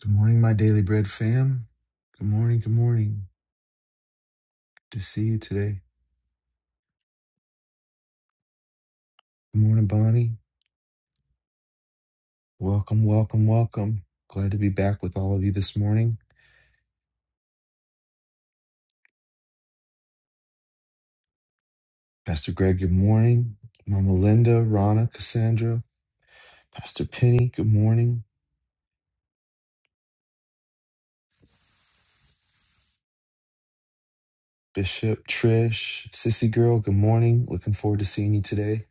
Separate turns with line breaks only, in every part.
Good morning, my Daily Bread fam. Good morning, good morning. Good to see you today. Good morning, Bonnie. Welcome, welcome, welcome. Glad to be back with all of you this morning. Pastor Greg, good morning. Mama Linda, Rana, Cassandra, Pastor Penny, good morning. Bishop, Trish, Sissy Girl, good morning. Looking forward to seeing you today.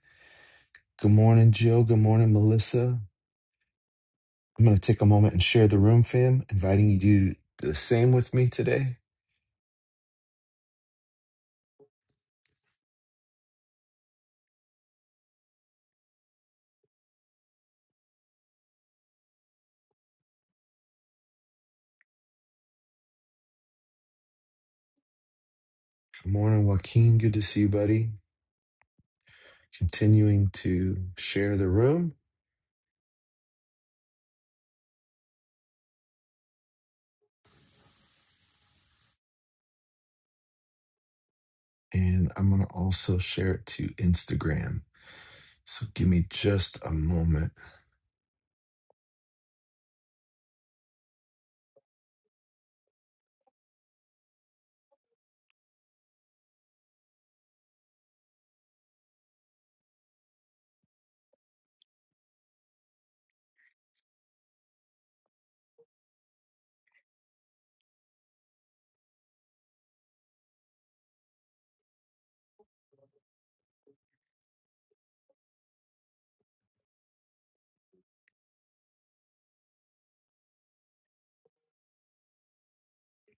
Good morning, Jill. Good morning, Melissa. I'm going to take a moment and share the room, fam, inviting you to do the same with me today. Good morning, Joaquin. Good to see you, buddy. continuing to share the room and I'm going to also share it to Instagram. So give me just a moment.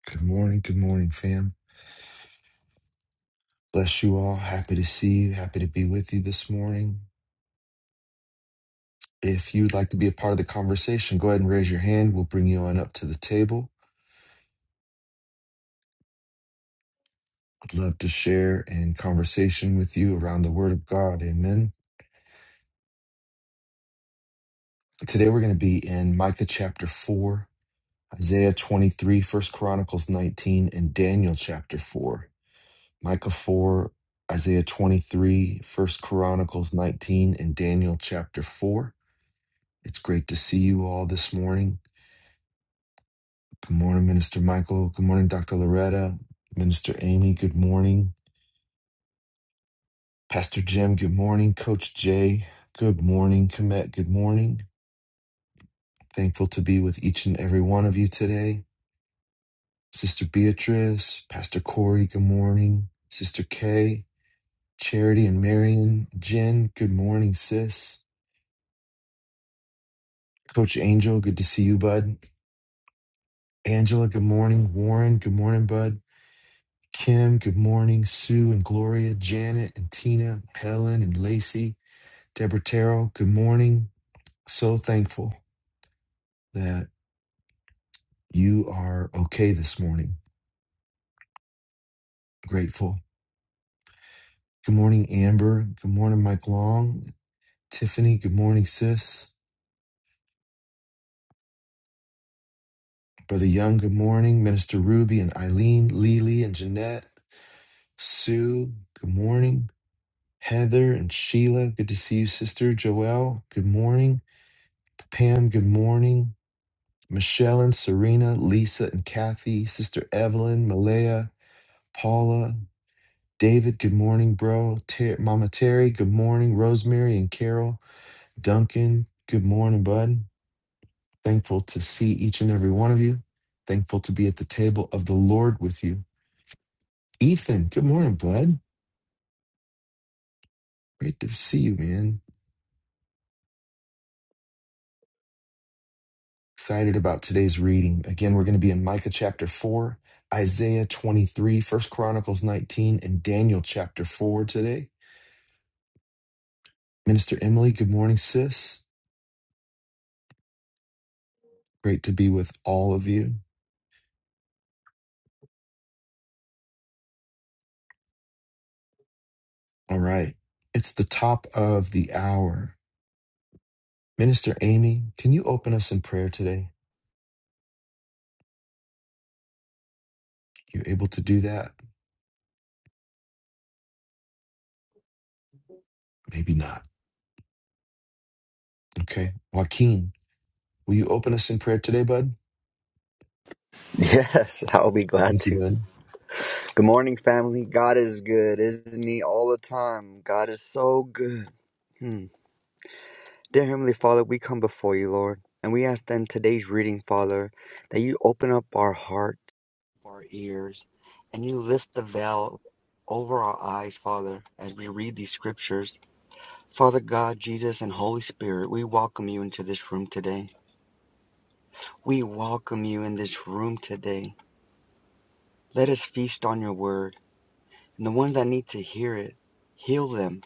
Good morning. Good morning, fam. Bless you all. Happy to see you. Happy to be with you this morning. If you'd like to be a part of the conversation, go ahead and raise your hand. We'll bring you on up to the table. I'd love to share and conversation with you around the word of God. Amen. Today we're going to be in Micah chapter 4, Isaiah 23, First Chronicles 19, and Daniel chapter 4. Micah 4, Isaiah 23, First Chronicles 19, and Daniel chapter 4. It's great to see you all this morning. Good morning, Minister Michael. Good morning, Dr. Loretta. Minister Amy, good morning. Pastor Jim, good morning. Coach Jay, good morning. Komet, good morning. Thankful to be with each and every one of you today. Sister Beatrice, Pastor Corey, good morning. Sister Kay, Charity and Marion, Jen, good morning, sis. Coach Angel, good to see you, bud. Angela, good morning. Warren, good morning, bud. Kim, good morning. Sue and Gloria, Janet and Tina, Helen and Lacey, Deborah Terrell, good morning. So thankful that you are okay this morning. Grateful. Good morning, Amber. Good morning, Mike Long. Tiffany, good morning, sis. Brother Young, good morning. Minister Ruby and Eileen, Lily and Jeanette, Sue, good morning. Heather and Sheila, good to see you, sister. Joelle, good morning. Pam, good morning. Michelle and Serena, Lisa and Kathy, sister Evelyn, Malaya, Paula, David, good morning, bro. Ter- Mama Terry, good morning. Rosemary and Carol, Duncan, good morning, bud. Thankful to see each and every one of you. Thankful to be at the table of the Lord with you. Ethan, good morning, bud. Great to see you, man. Excited about today's reading. Again, we're going to be in Micah chapter 4, Isaiah 23, First Chronicles 19, and Daniel chapter 4 today. Minister Emily, good morning, sis. Great to be with all of you. All right. It's the top of the hour. Minister Amy, can you open us in prayer today? You able to do that? Maybe not. Okay. Joaquin, will you open us in prayer today, bud?
Yes, I'll be glad
Thank you,
to.
bud.
Good morning, family. God is good, isn't He? All the time. God is so good. Hmm. Dear Heavenly Father, we come before you, Lord, and we ask that in today's reading, Father, that you open up our hearts, our ears, and you lift the veil over our eyes, Father, as we read these scriptures. Father God, Jesus, and Holy Spirit, we welcome you into this room today. We welcome you in this room today. Let us feast on your word. And the ones that need to hear it, heal them.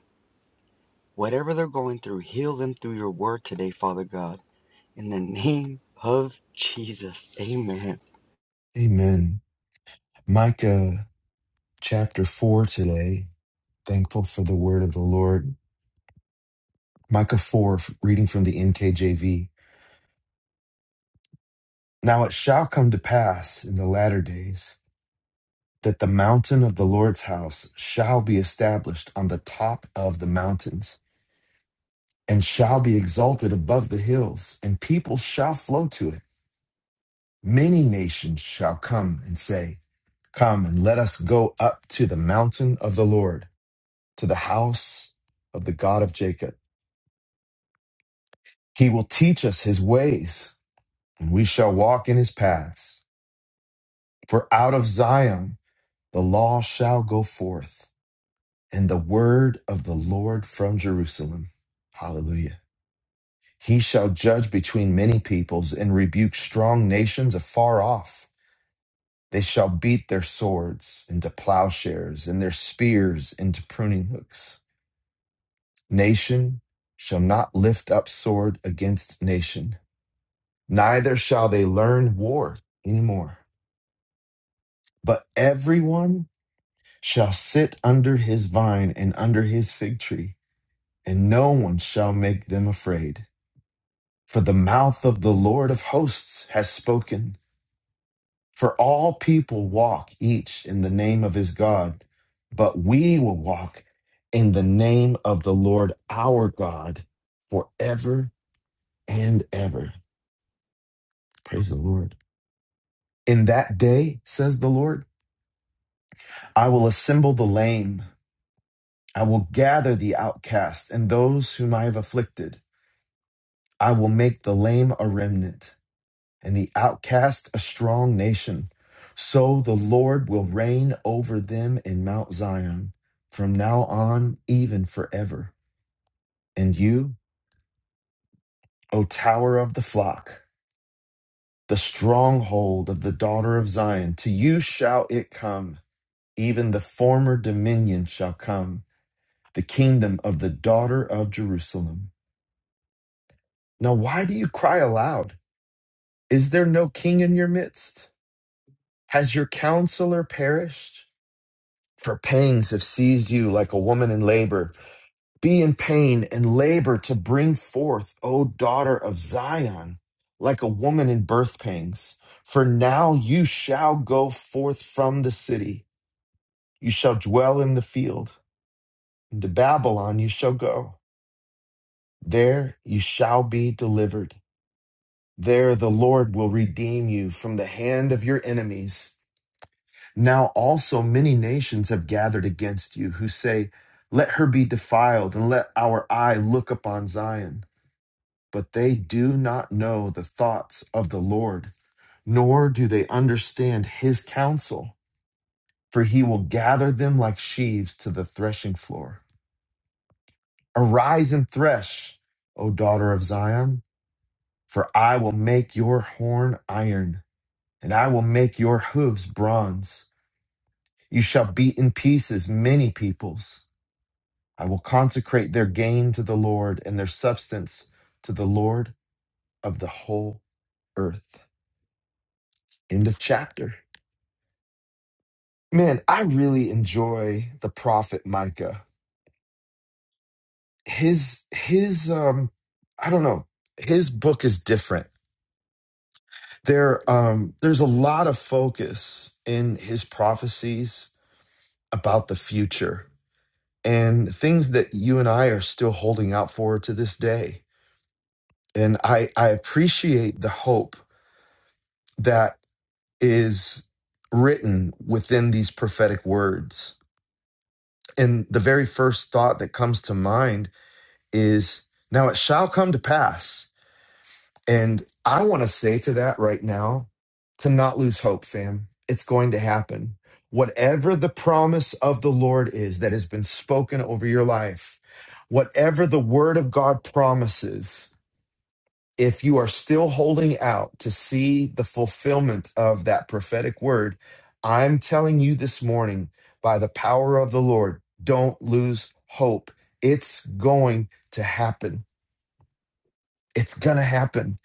Whatever they're going through, heal them through your word today, Father God. In the name of Jesus. Amen.
Amen. Micah chapter 4 today. Thankful for the word of the Lord. Micah 4, f- reading from the NKJV. Now it shall come to pass in the latter days that the mountain of the Lord's house shall be established on the top of the mountains and shall be exalted above the hills, and people shall flow to it. Many nations shall come and say, Come and let us go up to the mountain of the Lord, to the house of the God of Jacob. He will teach us his ways and we shall walk in his paths. For out of Zion the law shall go forth, and the word of the Lord from Jerusalem. Hallelujah. He shall judge between many peoples and rebuke strong nations afar off. They shall beat their swords into plowshares and their spears into pruning hooks. Nation shall not lift up sword against nation, neither shall they learn war anymore. But everyone shall sit under his vine and under his fig tree, and no one shall make them afraid. For the mouth of the Lord of hosts has spoken. For all people walk each in the name of his God, but we will walk in the name of the Lord our God forever and ever. Praise the Lord. In that day, says the Lord, I will assemble the lame, I will gather the outcast and those whom I have afflicted. I will make the lame a remnant and the outcast a strong nation. So the Lord will reign over them in Mount Zion from now on, even forever. And you, O tower of the flock, the stronghold of the daughter of Zion, to you shall it come. Even the former dominion shall come, the kingdom of the daughter of Jerusalem. Now, why do you cry aloud? Is there no king in your midst? Has your counselor perished? For pangs have seized you like a woman in labor. Be in pain and labor to bring forth, O daughter of Zion, like a woman in birth pangs. For now you shall go forth from the city. You shall dwell in the field. Into Babylon you shall go. There you shall be delivered. There the Lord will redeem you from the hand of your enemies Now also many nations have gathered against you, who say, Let her be defiled, and let our eye look upon Zion. But they do not know the thoughts of the Lord, nor do they understand his counsel, for he will gather them like sheaves to the threshing floor. Arise and thresh, O daughter of Zion, for I will make your horn iron, and I will make your hooves bronze. You shall beat in pieces many peoples I will consecrate their gain to the Lord and their substance to the Lord of the whole earth. End of chapter. Man, I really enjoy the prophet Micah. His his um I don't know, his book is different. There um there's a lot of focus in his prophecies about the future and things that you and I are still holding out for to this day. And I I appreciate the hope that. is written within these prophetic words. And the very first thought that comes to mind is now it shall come to pass. And I want to say to that right now to not lose hope, fam. It's going to happen. Whatever the promise of the Lord is that has been spoken over your life, whatever the word of God promises, if you are still holding out to see the fulfillment of that prophetic word, I'm telling you this morning, by the power of the Lord, don't lose hope. It's going to happen. It's going to happen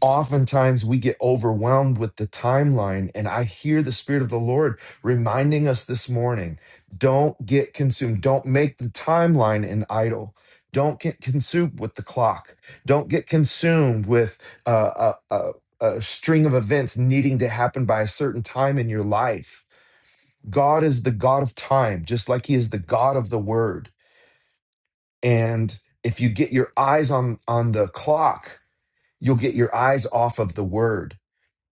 oftentimes we get overwhelmed with the timeline. And I hear the Spirit of the Lord reminding us this morning don't get consumed. Don't make the timeline an idol. Don't get consumed with the clock. Don't get consumed with uh, a, a, a string of events needing to happen by a certain time in your life. God is the God of time, just like He is the God of the Word. And if you get your eyes on on the clock, you'll get your eyes off of the Word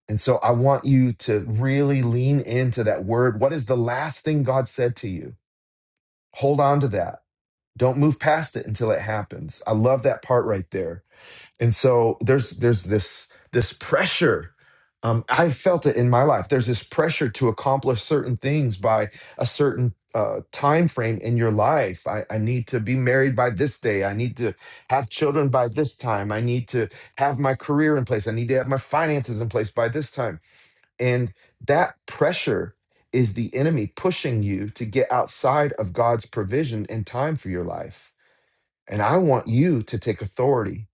and so I want you to really lean into that word. What is the last thing God said to you? Hold on to that. Don't move past it until it happens. I love that part right there. And so there's there's this this pressure. Um, I've felt it in my life. There's this pressure to accomplish certain things by a certain uh, time frame in your life. I, I need to be married by this day. I need to have children by this time. I need to have my career in place. I need to have my finances in place by this time and that pressure is the enemy pushing you to get outside of God's provision and time for your life. And I want you to take authority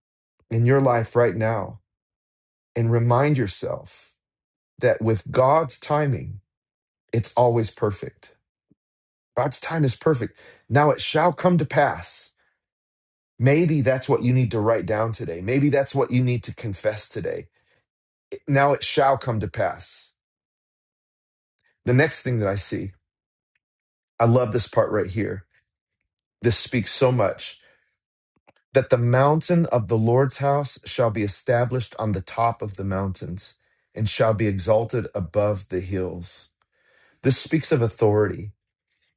in your life right now and remind yourself that with God's timing, it's always perfect. God's time is perfect. Now it shall come to pass. Maybe that's what you need to write down today. Maybe that's what you need to confess today. Now it shall come to pass. The next thing that I see, I love this part right here This speaks so much that the mountain of the Lord's house shall be established on the top of the mountains and shall be exalted above the hills. This speaks of authority.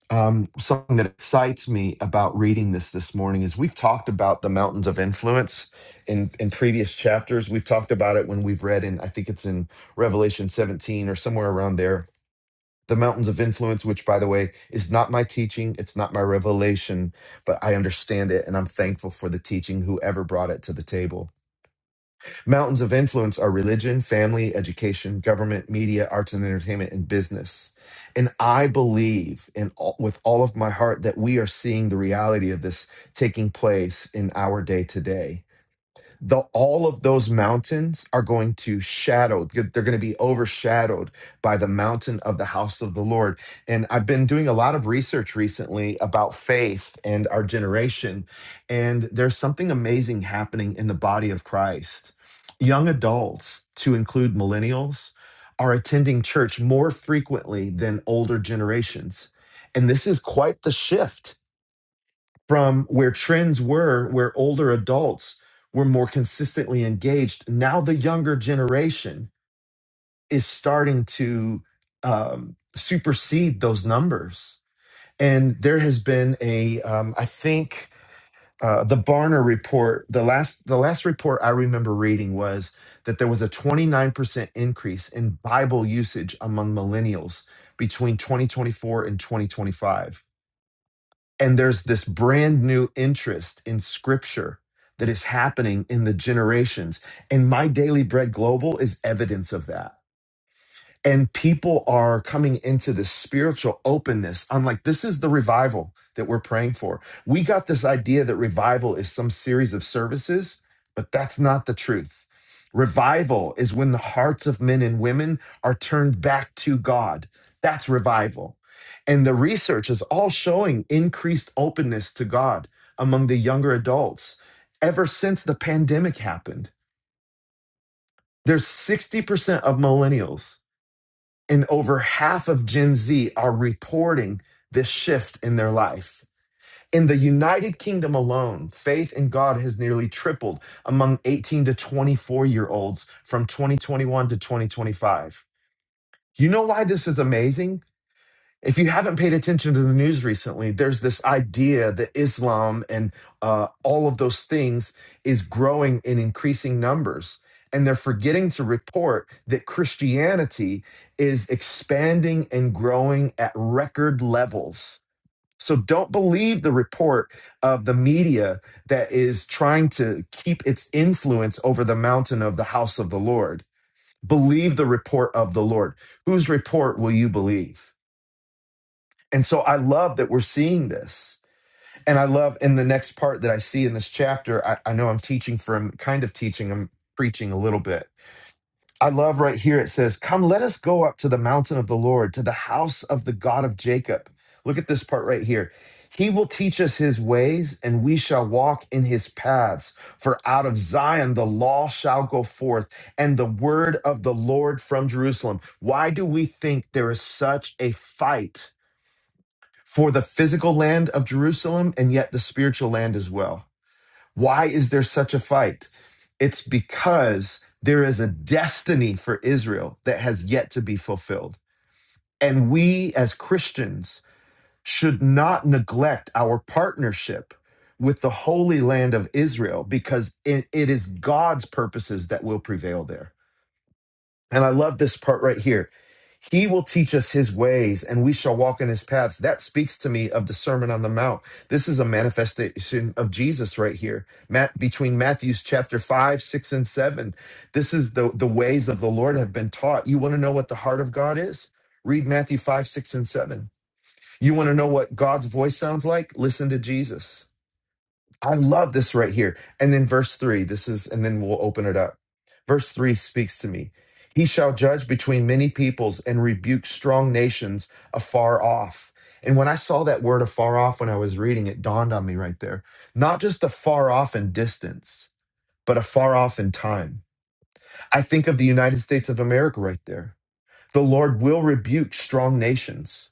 Um, something that excites me about reading this this morning is we've talked about the mountains of influence in, in previous chapters. We've talked about it when we've read in, I think it's in Revelation 17 or somewhere around there the mountains of influence, which, by the way, is not my teaching. It's not my revelation, but I understand it and I'm thankful for the teaching, whoever brought it to the table. Mountains of influence are religion, family, education, government, media, arts and entertainment, and business. And I believe in all, with all of my heart that we are seeing the reality of this taking place in our day to day the all of those mountains are going to shadow they're going to be overshadowed by the mountain of the house of the lord and i've been doing a lot of research recently about faith and our generation and there's something amazing happening in the body of christ young adults to include millennials are attending church more frequently than older generations and this is quite the shift from where trends were, where older adults were more consistently engaged. Now the younger generation is starting to um, supersede those numbers. And there has been a, um, I think, uh, the Barna report. The last, the last report I remember reading was that there was a 29% increase in Bible usage among millennials between 2024 and 2025 and there's this brand new interest in scripture that is happening in the generations. And My Daily Bread Global is evidence of that and people are coming into this spiritual openness. I'm like, this is the revival that we're praying for. We got this idea that revival is some series of services, but that's not the truth. Revival is when the hearts of men and women are turned back to God. That's revival. And the research is all showing increased openness to God among the younger adults ever since the pandemic happened. There's 60% of millennials and over half of Gen Z are reporting this shift in their life. In the United Kingdom alone, faith in God has nearly tripled among 18 to 24 year olds from 2021 to 2025. You know why this is amazing? If you haven't paid attention to the news recently, there's this idea that Islam and uh, all of those things is growing in increasing numbers. And they're forgetting to report that Christianity is expanding and growing at record levels. So don't believe the report of the media that is trying to keep its influence over the mountain of the house of the Lord. Believe the report of the Lord. Whose report will you believe? And so I love that we're seeing this. And I love in the next part that I see in this chapter, I, I know I'm teaching from kind of teaching, I'm preaching a little bit. I love right here it says, Come, let us go up to the mountain of the Lord, to the house of the God of Jacob. Look at this part right here. He will teach us his ways, and we shall walk in his paths. For out of Zion the law shall go forth, and the word of the Lord from Jerusalem. Why do we think there is such a fight? for the physical land of Jerusalem and yet the spiritual land as well. Why is there such a fight? It's because there is a destiny for Israel that has yet to be fulfilled. And we as Christians should not neglect our partnership with the holy land of Israel because it it is God's purposes that will prevail there. And I love this part right here. He will teach us his ways and we shall walk in his paths. That speaks to me of the Sermon on the Mount. This is a manifestation of Jesus right here. Matt, between Matthew's chapter 5, 6, and 7. This is the, the ways of the Lord have been taught. You want to know what the heart of God is? Read Matthew 5, 6, and 7. You want to know what God's voice sounds like? Listen to Jesus. I love this right here. And then verse three, this is, and then we'll open it up. Verse three speaks to me. He shall judge between many peoples and rebuke strong nations afar off. And when I saw that word afar off when I was reading, it dawned on me right there. Not just afar off in distance, but afar off in time. I think of the United States of America right there. The Lord will rebuke strong nations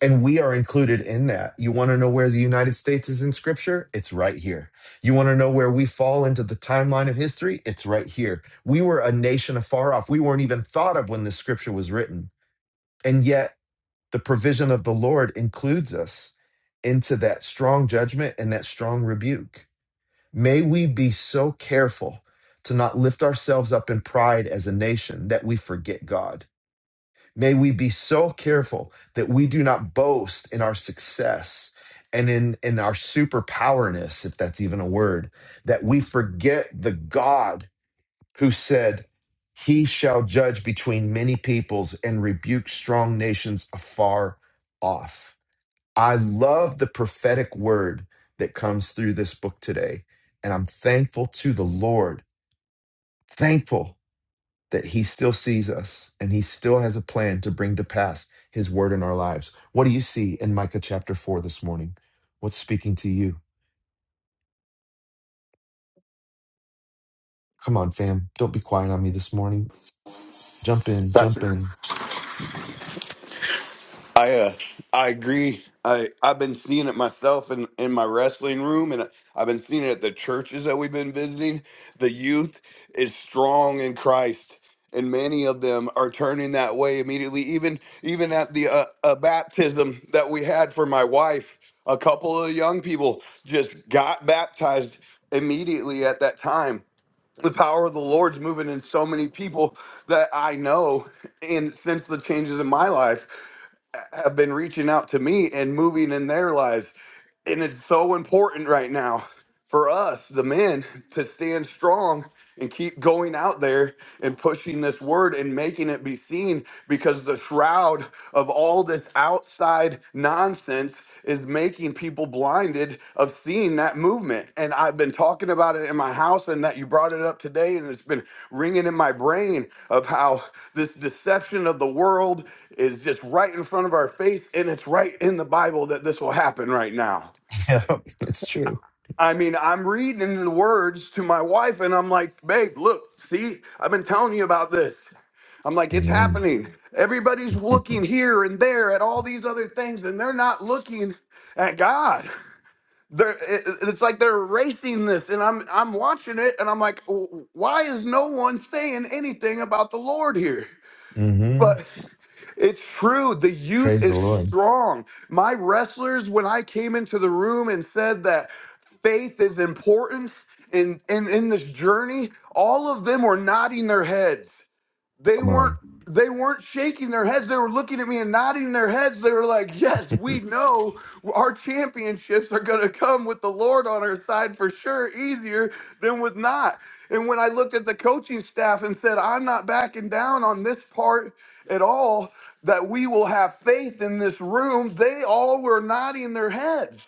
and we are included in that. You want to know where the United States is in scripture? It's right here. You want to know where we fall into the timeline of history? It's right here. We were a nation afar off. We weren't even thought of when this scripture was written. And yet, the provision of the Lord includes us into that strong judgment and that strong rebuke. May we be so careful to not lift ourselves up in pride as a nation that we forget God May we be so careful that we do not boast in our success and in, in our superpowerness, if that's even a word, that we forget the God who said, He shall judge between many peoples and rebuke strong nations afar off. I love the prophetic word that comes through this book today. And I'm thankful to the Lord, thankful that he still sees us and he still has a plan to bring to pass his word in our lives. What do you see in Micah chapter 4 this morning? What's speaking to you? Come on, fam. Don't be quiet on me this morning. Jump in, jump
Gotcha.
in.
I uh, I agree. I I've been seeing it myself in in my wrestling room, and I've been seeing it at the churches that we've been visiting. The youth is strong in Christ, and many of them are turning that way immediately. Even even at the uh, uh, baptism that we had for my wife, a couple of young people just got baptized immediately at that time the power of the Lord's moving in so many people that I know. And since the changes in my life have been reaching out to me and moving in their lives. And it's so important right now for us, the men, to stand strong and keep going out there and pushing this word and making it be seen because the shroud of all this outside nonsense is making people blinded of seeing that movement and i've been talking about it in my house and that you brought it up today and it's been ringing in my brain of how this deception of the world is just right in front of our face and it's right in the bible that this will happen right now
Yeah, it's true.
I mean, I'm reading the words to my wife, and I'm like, babe, look, see, I've been telling you about this. I'm like, it's
Amen.
happening. Everybody's looking here and there at all these other things, and they're not looking at God. They're, it- it's like they're erasing this, and I'm I'm watching it, and I'm like, "W- why is no one saying anything about the Lord here?
hmm
But it's true. The youth
Praise the
is
Lord.
strong. My wrestlers, when I came into the room and said that faith is important in, in, in this journey, all of them were nodding their heads they
Come
weren't
on.
they weren't shaking their heads they were looking at me and nodding their heads they were like yes we know our championships are going to come with the lord on our side for sure easier than with not and when i looked at the coaching staff and said i'm not backing down on this part at all that we will have faith in this room they all were nodding their heads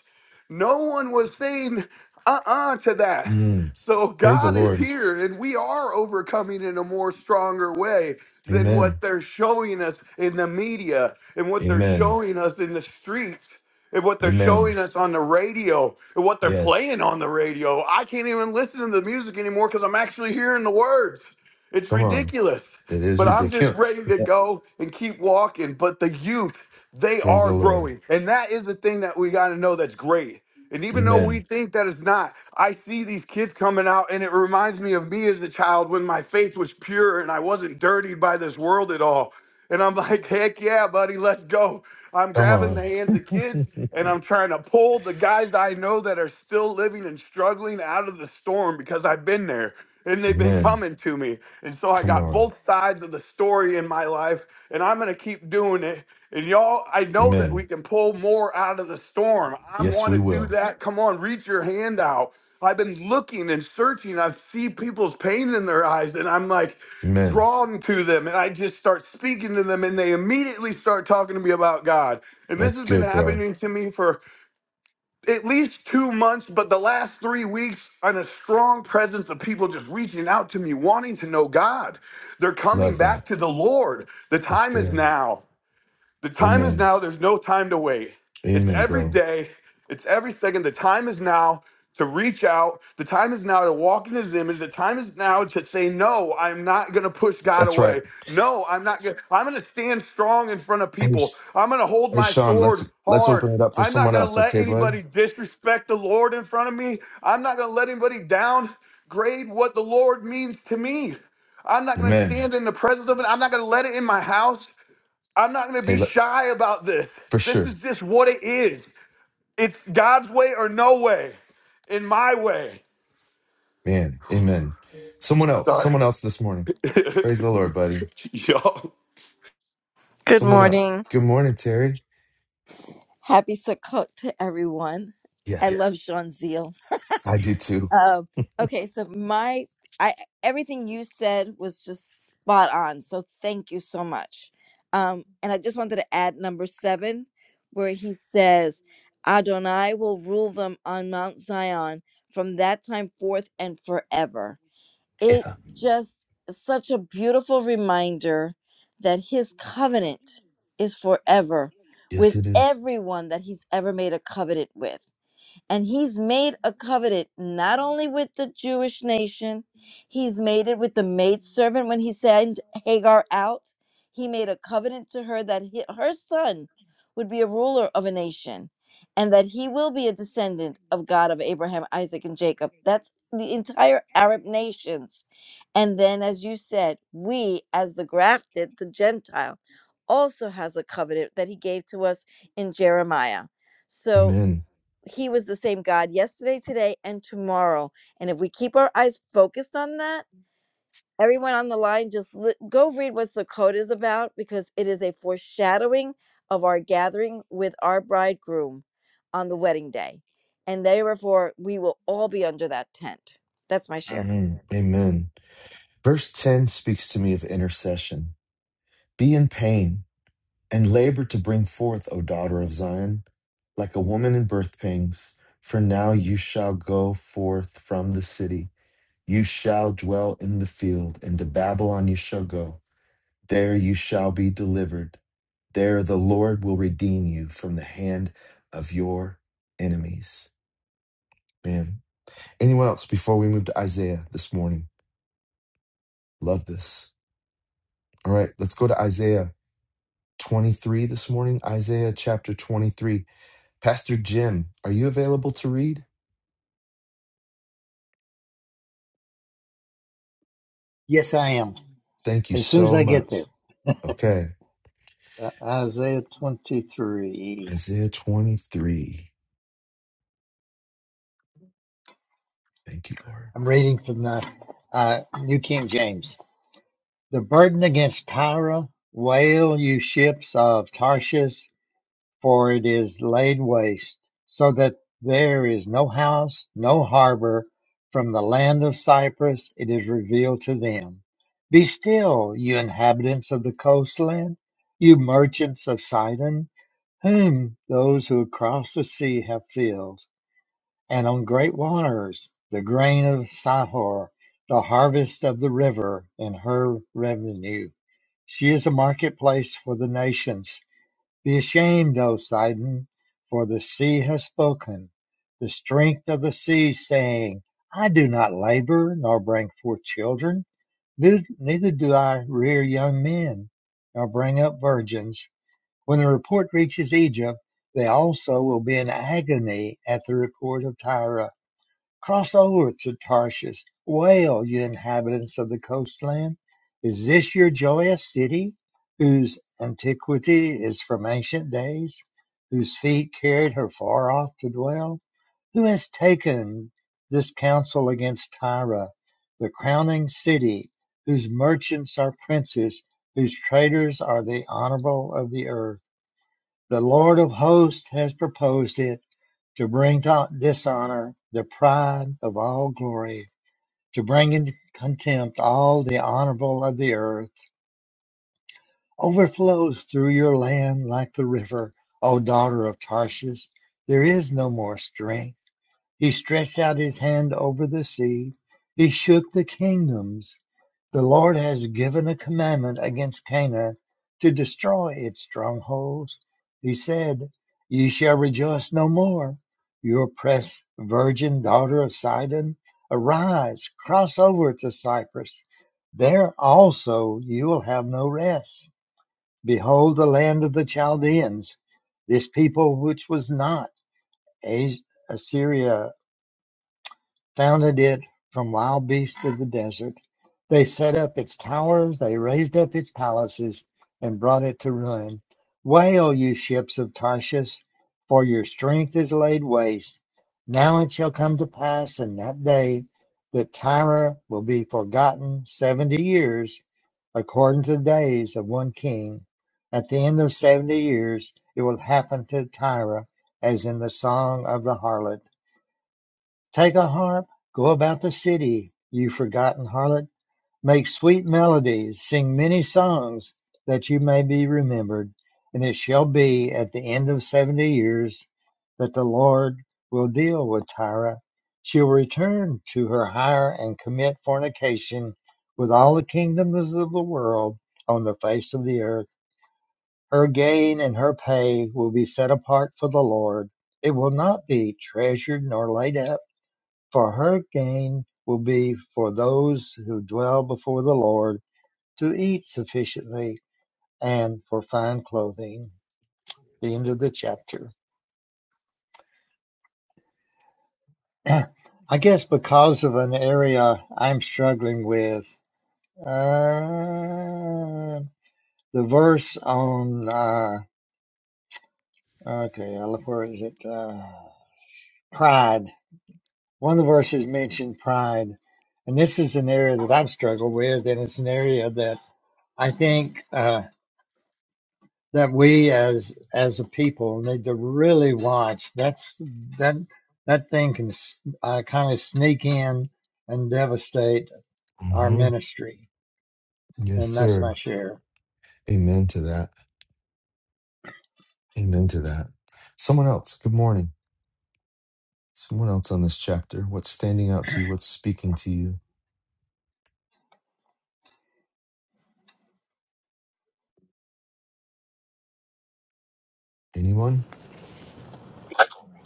no one was saying uh-uh to that
Mm.
so
Praise the
God is
Lord.
here, and we are overcoming in a more stronger way than what
Amen.
they're showing us in the media and what they're
Amen.
showing us in the streets and what they're
Amen.
showing us on the radio and what they're playing
Yes.
on the radio. I can't even listen to the music anymore because I'm actually hearing the words. It's
Come on.
ridiculous.
It is
But I'm just
ridiculous.
ready to go and keep walking. But the youth, they
Praise the
are
Lord.
growing. And that is the thing that we got to know that's great and even though we
Amen.
think that it's not, I see these kids coming out, and it reminds me of me as a child when my faith was pure and I wasn't dirtied by this world at all. And I'm like, heck yeah, buddy, let's go. I'm
Come
grabbing the hands of kids
on.
and I'm trying to pull the guys that I know that are still living and struggling out of the storm because I've been there and they've been
Amen.
coming to me. And so I
Come
got
on.
both sides of the story in my life, and I'm going to keep doing it and y'all, I know that we
Amen.
can pull more out of the storm. I
Yes,
want
we
to do
will.
that. Come on, reach your hand out. I've been looking and searching. I see people's pain in their eyes, and I'm like
Amen.
drawn to them. And I just start speaking to them, and they immediately start talking to me about God. And this
That's
has been
good, bro.
happening to me for at least two months, but the last three weeks, on a strong presence of people just reaching out to me, wanting to know God. They're coming
Love that.
back to the Lord. The
Yes,
time
they
is
are.
now. The time is
Amen.
now. There's no time to wait. It's
Amen,
every
bro.
day, it's every second. The time is now to reach out. The time is now to walk in his image. The time is now to say, No, I'm not going to push God
That's right.
away. No, I'm not going to. I'm going to stand strong in front of
Hey,
people.
Sh-
I'm going to hold
hey
my
Sean, let's
sword
let's
hard.
open it up for
I'm not
someone
going to
else,
let
okay, bud?
anybody disrespect the Lord in front of me. I'm not going to let anybody downgrade what the Lord means to me. I'm not going to
Amen.
stand in the presence of it. I'm not going to let it in my house. I'm not going to
Hey,
be
let,
shy about this.
for
This is
sure.
just what it is. It's God's way or no way, in my way.
Man, amen. Someone else.
Sorry.
Someone else this morning. Praise the Lord, buddy.
Y'all.
Good
Someone else.
morning.
Good morning, Terry.
Happy Sukkot to everyone. I
Yeah,
love Jean Zeal.
I do too.
Um, okay, so my I everything you said was just spot on. So thank you so much. Um, and I just wanted to add number seven, where he says, "Adonai will rule them on Mount Zion from that time forth and forever." it
Yeah.
just such a beautiful reminder that his covenant is forever
Yes,
with
it is.
everyone that he's ever made a covenant with and he's made a covenant not only with the Jewish nation, he's made it with the maidservant when he sent Hagar out. He made a covenant to her that he, her son would be a ruler of a nation and that he will be a descendant of God of Abraham, Isaac, and Jacob. That's the entire Arab nations. And then, as you said, we, as the grafted, the Gentile, also has a covenant that he gave to us in Jeremiah. So
Amen.
he was the same God yesterday, today, and tomorrow. And if we keep our eyes focused on that, everyone on the line, just li- go read what Sukkot is about because it is a foreshadowing of our gathering with our bridegroom on the wedding day. And therefore, we will all be under that tent. That's my share.
Mhm. Amen. Verse 10 speaks to me of intercession. Be in pain and labor to bring forth, O daughter of Zion, like a woman in birth pangs. For now you shall go forth from the city. You shall dwell in the field, and to Babylon you shall go. There you shall be delivered. There the Lord will redeem you from the hand of your enemies. Man. Anyone else before we move to Isaiah this morning? Love this. All right, let's go to Isaiah 23 this morning. Isaiah chapter 23. Pastor Jim, are you available to read?
Yes, I am.
Thank you
As soon as
so
I get there,
much. Okay.
uh, Isaiah 23.
Isaiah 23. Thank you, Lord.
I'm reading from the uh, New King James. The burden against Tyre, wail, you ships of Tarshish, for it is laid waste, so that there is no house, no harbor. From the land of Cyprus it is revealed to them. Be still, you inhabitants of the coastland, you merchants of Sidon Whom—those who across the sea have filled, and on great waters, the grain of Sihor, the harvest of the river, and her revenue. She is a marketplace for the nations. Be ashamed, O Sidon, for the sea has spoken, the strength of the sea, saying, I do not labor, nor bring forth children, neither do I rear young men, nor bring up virgins. When the report reaches Egypt, they also will be in agony at the report of Tyre. Cross over to Tarshish. Wail, you inhabitants of the coastland. Is this your joyous city, whose antiquity is from ancient days, whose feet carried her far off to dwell? Who has taken this counsel against Tyre, the crowning city, whose merchants are princes, whose traders are the honorable of the earth? The Lord of hosts has proposed it to bring to dishonor the pride of all glory, to bring into contempt all the honorable of the earth, overflows through your land like the river, O daughter of Tarshish. There is no more strength. He stretched out his hand over the sea, he shook the kingdoms. The Lord has given a commandment against Cana to destroy its strongholds. He said, Ye shall rejoice no more. You oppressed virgin daughter of Sidon, arise, cross over to Cyprus. There also you will have no rest. Behold the land of the Chaldeans, this people which was not Assyria founded it from wild beasts of the desert. They set up its towers, they raised up its palaces, and brought it to ruin. Wail, you ships of Tarshish, for your strength is laid waste. Now it shall come to pass in that day that Tyre will be forgotten seventy years, according to the days of one king. At the end of seventy years, it will happen to Tyre as in the song of the harlot Take a harp, go about the city, you forgotten harlot; make sweet melodies, sing many songs, that you may be remembered. And it shall be at the end of seventy years that the Lord will deal with Tyre. She'll return to her hire and commit fornication with all the kingdoms of the world on the face of the earth. Her gain and her pay will be set apart for the Lord. It will not be treasured nor laid up for her gain will be for those who dwell before the Lord to eat sufficiently and for fine clothing. The end of the chapter. I guess because of an area I'm struggling with, uh, the verse on, uh, okay, look- where is it? Uh, pride. One of the verses mentioned pride. And this is an area that I've struggled with, and it's an area that I think. Uh, that we as as a people need to really watch. That's that that thing can uh, kind of sneak in and devastate our
hmm
ministry,
Yes,
and that's my
sir.
share.
Amen to that. Amen to that. Someone else. Good morning. Someone else on this chapter. What's standing out to you? What's speaking to you? Anyone?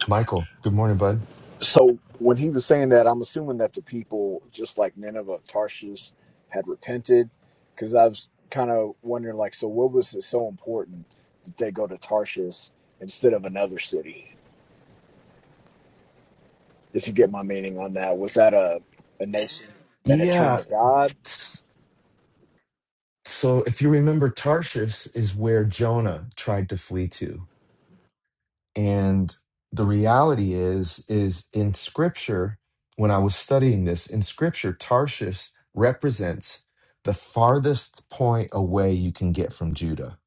Michael. Good morning, bud.
So when he was saying that, I'm assuming that the people, just like Nineveh, Tarshish, had repented, because I was kind of wondering, like, so what was it so important that they go to Tarshish instead of another city? If you get my meaning on that, was that a a nation that had turned
Yeah.
to God?
s- So if you remember, Tarshish is where Jonah tried to flee to. And the reality is, is in scripture, when I was studying this, in scripture, Tarshish represents the farthest point away you can get from Judah.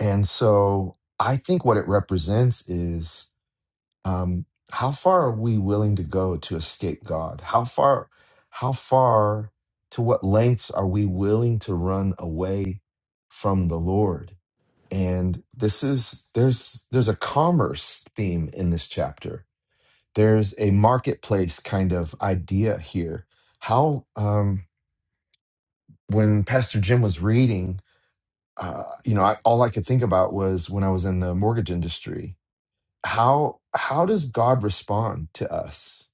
And so I think what it represents is um, how far are we willing to go to escape God? How far, how far, to what lengths are we willing to run away from the Lord? and this is there's there's a commerce theme in this chapter there's a marketplace kind of idea here how um when pastor jim was reading uh you know I, all i could think about was when i was in the mortgage industry how how does god respond to us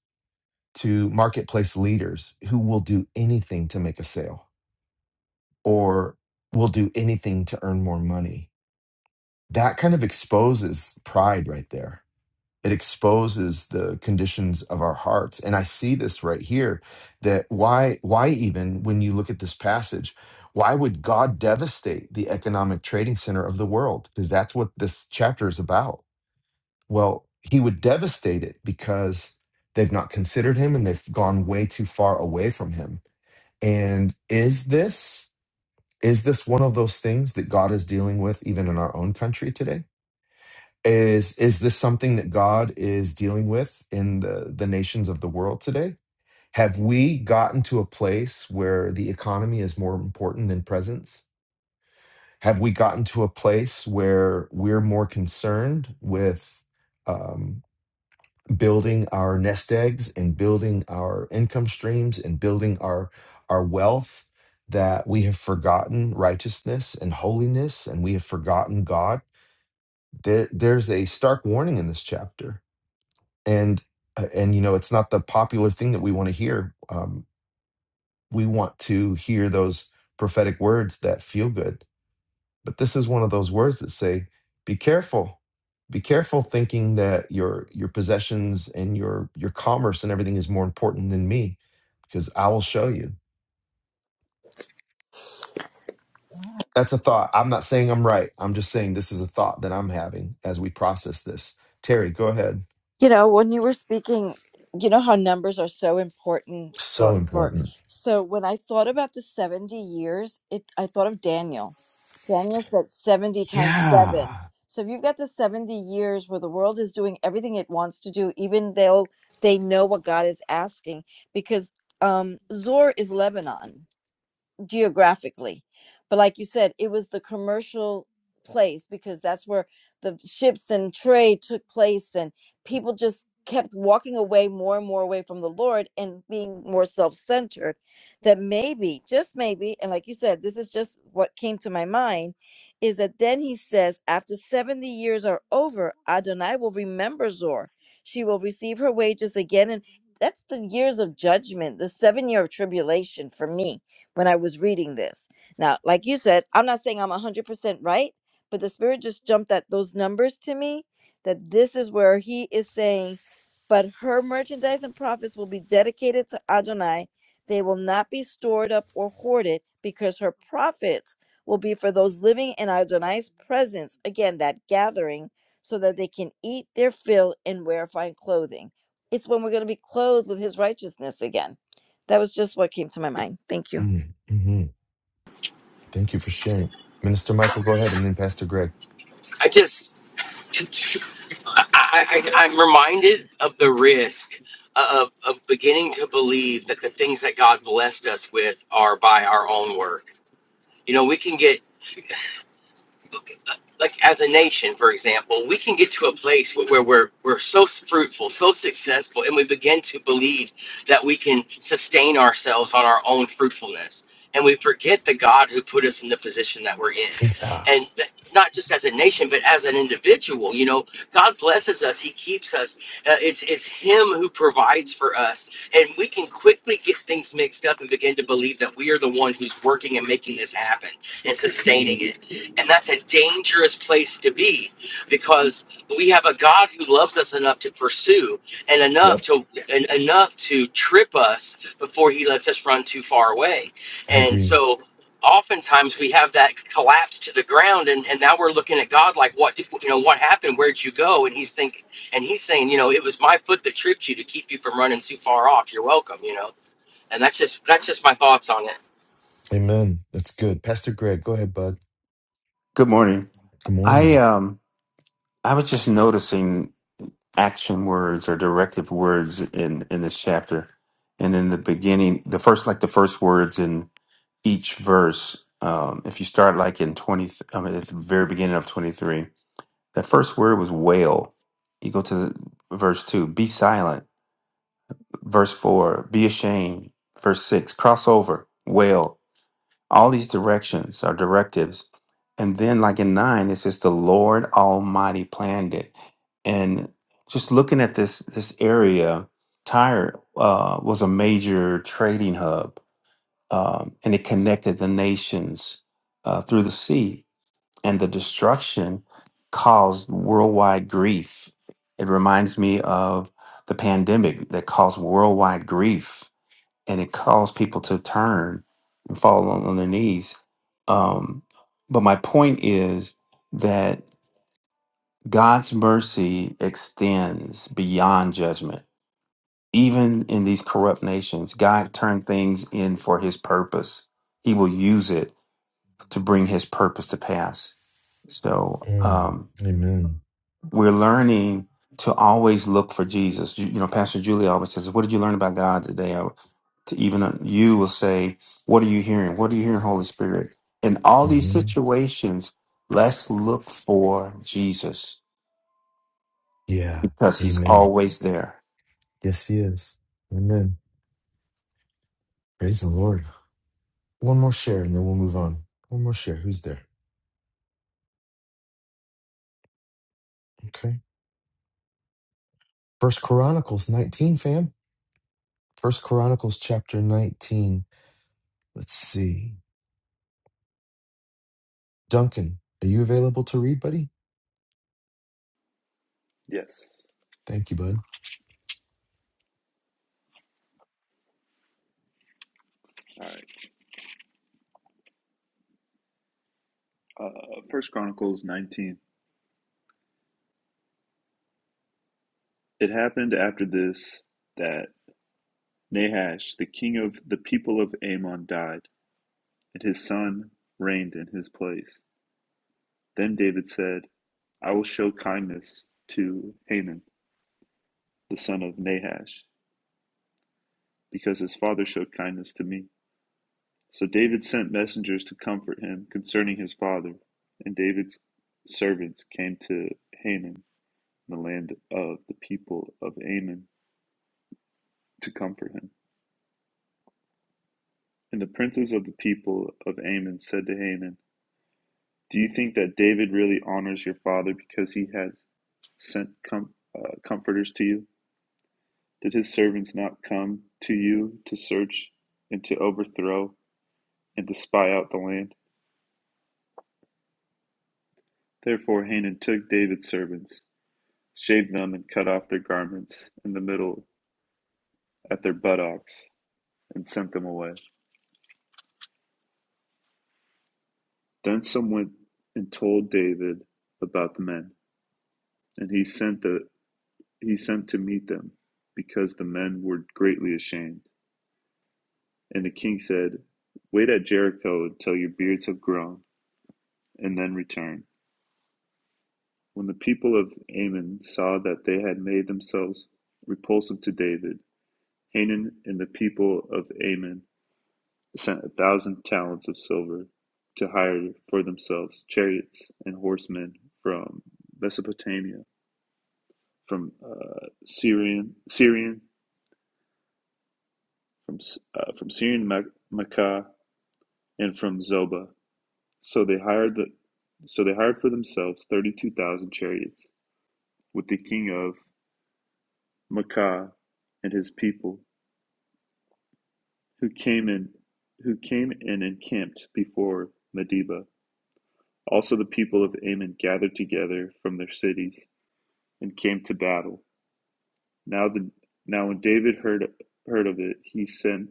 to marketplace leaders who will do anything to make a sale or will do anything to earn more money that kind of exposes pride right there it exposes the conditions of our hearts and i see this right here that why why even when you look at this passage why would god devastate the economic trading center of the world because that's what this chapter is about well he would devastate it because they've not considered him and they've gone way too far away from him and is this is this one of those things that god is dealing with even in our own country today is is this something that god is dealing with in the the nations of the world today have we gotten to a place where the economy is more important than presence have we gotten to a place where we're more concerned with um, building our nest eggs and building our income streams and building our our wealth that we have forgotten righteousness and holiness and we have forgotten god there, there's a stark warning in this chapter and uh, and you know it's not the popular thing that we want to hear um, we want to hear those prophetic words that feel good but this is one of those words that say be careful be careful thinking that your your possessions and your your commerce and everything is more important than me because i will show you that's a thought i'm not saying i'm right i'm just saying this is a thought that i'm having as we process this terry go ahead
you know when you were speaking you know how numbers are so important
so
for for
important
so when i thought about the 70 years it i thought of daniel daniel said 70 times 7
yeah
so if you've got the 70 years where the world is doing everything it wants to do even though they know what god is asking because um zor is lebanon geographically. But like you said, it was the commercial place because that's where the ships and trade took place, and people just kept walking away more and more away from the Lord and being more self centered. That maybe, just maybe, and like you said, this is just what came to my mind is that then he says, After 70 years are over, Adonai will remember Zor. She will receive her wages again. And that's the years of judgment, the seven year of tribulation for me when I was reading this. Now, like you said, I'm not saying I'm 100% right, but the Spirit just jumped at those numbers to me that this is where He is saying, but her merchandise and profits will be dedicated to Adonai. They will not be stored up or hoarded because her profits will be for those living in Adonai's presence. Again, that gathering so that they can eat their fill and wear fine clothing. It's when we're going to be clothed with his righteousness again. That was just what came to my mind. Thank you.
Mm-hmm. Thank you for sharing. Minister Michael, go ahead and then Pastor Greg.
I just, I, I, I'm reminded of the risk of, of beginning to believe that the things that God blessed us with are by our own work. You know, we can get like as a nation, for example, we can get to a place where where we're we're so fruitful, so successful, and we begin to believe that we can sustain ourselves on our own fruitfulness, and we forget the God who put us in the position that we're in,
Yeah.
and that, not just as a nation, but as an individual. You know, God blesses us; He keeps us. Uh, it's it's Him who provides for us, and we can quickly get things mixed up and begin to believe that we are the one who's working and making this happen and sustaining it and that's a dangerous place to be because we have a God who loves us enough to pursue and enough
Yep.
to and enough to trip us before he lets us run too far away.
I
And
agree.
so oftentimes we have that collapse to the ground and, and now we're looking at God like what did- you know what happened where'd you go and he's thinking and he's saying you know it was my foot that tripped you to keep you from running too far off you're welcome you know and that's just that's just my thoughts on it
Amen. That's good. Pastor Greg, go ahead, bud.
Good morning.
Good
I
morning.
um I was just noticing action words or directive words in in this chapter, and in the beginning, the first like the first words in each verse. Um, if you start like in twenty, I mean at the very beginning of twenty three, that first word was wail. You go to the, verse two, be silent. Verse four, be ashamed. Verse six, cross over, wail. All these directions are directives. And then, like in nine, it says the Lord Almighty planned it. And just looking at this this area, Tyre uh, was a major trading hub, um, and it connected the nations uh, through the sea. And the destruction caused worldwide grief. It reminds me of the pandemic that caused worldwide grief and it caused people to turn and fall on, on their knees. Um, but my point is that God's mercy extends beyond judgment. Even in these corrupt nations, God turned things in for his purpose. He will use it to bring his purpose to pass. So,
Mm.
um,
Amen.
We're learning to always look for Jesus. You, you know, Pastor Julie always says, "What did you learn about God today?" Or to even uh, you will say, "What are you hearing? What are you hearing, Holy Spirit?" In all these
hmm
situations, let's look for Jesus
Yeah.
because He's
Amen.
always there.
Yes, he is. Amen. Praise the Lord. One more share and then we'll move on. One more share. Who's there? Okay. First Chronicles 19, fam. First Chronicles chapter 19. Let's see. Duncan, are you available to read, buddy?
Yes.
Thank you, bud.
All right. Uh, First Chronicles 19. It happened after this that Nahash, the king of the people of Ammon, died, and his son reigned in his place. Then David said, I will show kindness to Haman, the son of Nahash, because his father showed kindness to me. So David sent messengers to comfort him concerning his father, and David's servants came to Haman, the land of the people of Ammon. to comfort him. And the princes of the people of Ammon said to Haman, Do you think that David really honors your father because he has sent com- uh, comforters to you? Did his servants not come to you to search and to overthrow and to spy out the land? Therefore, Hanan took David's servants, shaved them, and cut off their garments in the middle at their buttocks, and sent them away. Then some went and told David about the men, and he sent the he sent to meet them, because the men were greatly ashamed. And the king said, Wait at Jericho until your beards have grown, and then return. When the people of Ammon saw that they had made themselves repulsive to David, Hanan and the people of Ammon sent a thousand talents of silver to hire for themselves chariots and horsemen from Mesopotamia, from uh, Syrian, Syrian, from uh, from Syrian Makkah, and from Zobah. So they hired the so they hired for themselves thirty-two thousand chariots, with the king of Maachah and his people, who came in who came and encamped before Medeba. Also the people of Ammon gathered together from their cities and came to battle. Now the now when David heard heard of it, he sent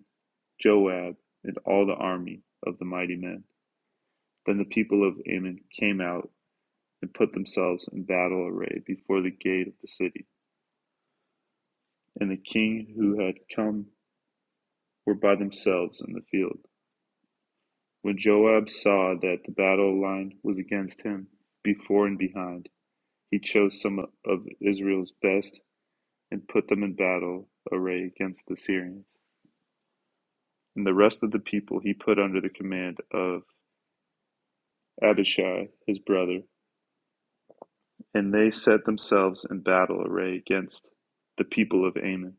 Joab and all the army of the mighty men. Then the people of Ammon came out and put themselves in battle array before the gate of the city. And the king who had come were by themselves in the field. When Joab saw that the battle line was against him, before and behind, he chose some of Israel's best and put them in battle array against the Syrians. And the rest of the people he put under the command of Abishai his brother, and they set themselves in battle array against the people of Ammon.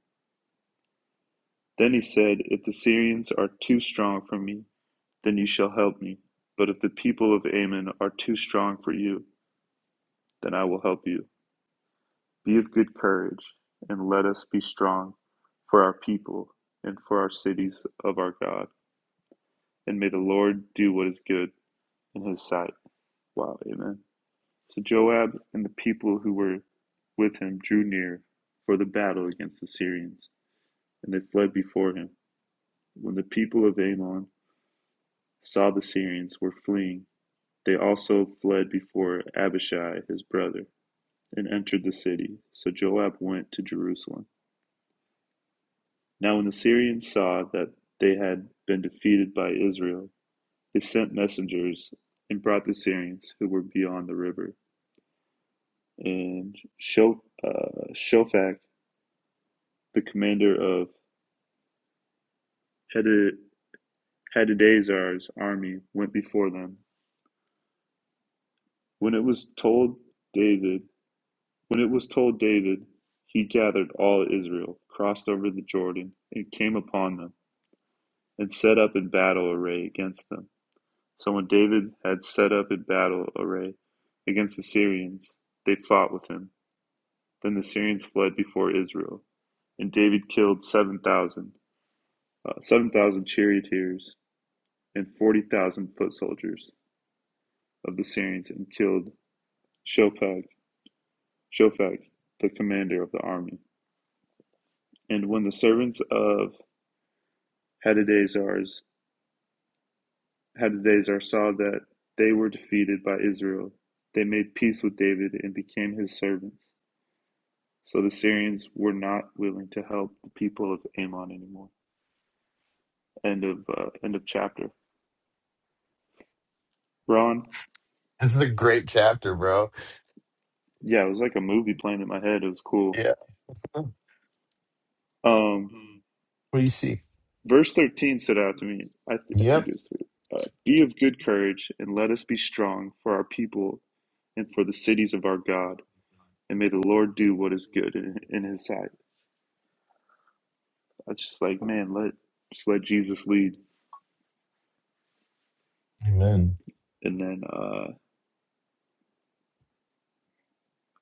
Then he said, If the Syrians are too strong for me, then you shall help me. But if the people of Ammon are too strong for you, then I will help you. Be of good courage, and let us be strong for our people and for our cities of our God. And may the Lord do what is good in his sight. Wow, amen. So Joab and the people who were with him drew near for the battle against the Syrians, and they fled before him. When the people of Ammon saw the Syrians were fleeing, They also fled before Abishai his brother, and entered the city. So Joab went to Jerusalem. Now when the Syrians saw that they had been defeated by Israel, they sent messengers and brought the Syrians who were beyond the river. And Shofak, uh, the commander of Hadadezer, Hadadezer's army went before them. When it was told David When it was told David, he gathered all Israel, crossed over the Jordan, and came upon them, and set up in battle array against them. So when David had set up in battle array against the Syrians, they fought with him. Then the Syrians fled before Israel, and David killed 7,000 uh, 7,000 charioteers and 40,000 foot soldiers of the Syrians, and killed Shophag, Shophag, the commander of the army. And when the servants of Hadadezers, Hadadezer saw that they were defeated by Israel; they made peace with David and became his servants. So the Syrians were not willing to help the people of Ammon anymore. End of uh, end of chapter. Ron,
This is a great chapter, bro.
yeah, it was like a movie playing in my head. It was cool.
Yeah. What
Um,
do you see?
verse thirteen stood out to me. I, th- I think
Yep.
it was three. Uh, be of good courage and let us be strong for our people and for the cities of our God, and may the Lord do what is good in, in His sight. I was just like, man, let just let Jesus lead.
Amen.
And then uh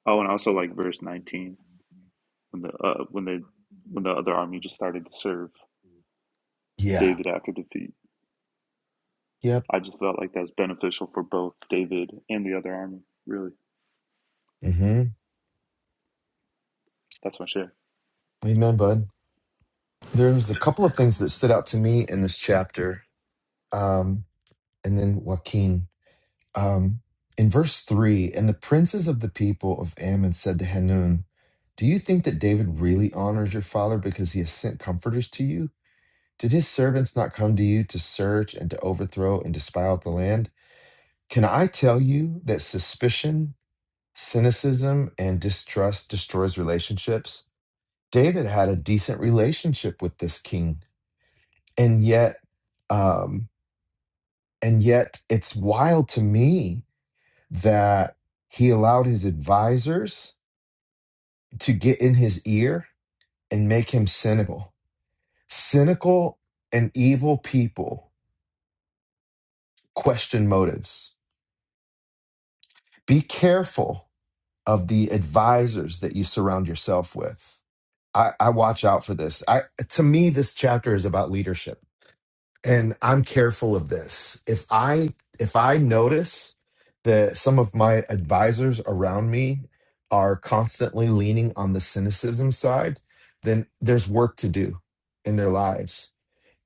oh and I also like verse nineteen when the uh when the when the other army just started to serve
Yeah.
David after defeat.
Yep.
I just felt like that's beneficial for both David and the other army, really.
hmm
That's my share.
Amen, bud. There's a couple of things that stood out to me in this chapter. Um, and then Joaquin. Um, in verse three, and the princes of the people of Ammon said to Hanun, Do you think that David really honors your father because he has sent comforters to you? Did his servants not come to you to search and to overthrow and to spy out the land? Can I tell you that suspicion, cynicism, and distrust destroys relationships? David had a decent relationship with this king, and yet, um, and yet, it's wild to me that he allowed his advisors to get in his ear and make him cynical. Cynical and evil people question motives. Be careful of the advisors that you surround yourself with. I, I watch out for this. I to me, this chapter is about leadership. And I'm careful of this. If I if I notice that some of my advisors around me are constantly leaning on the cynicism side, then there's work to do in their lives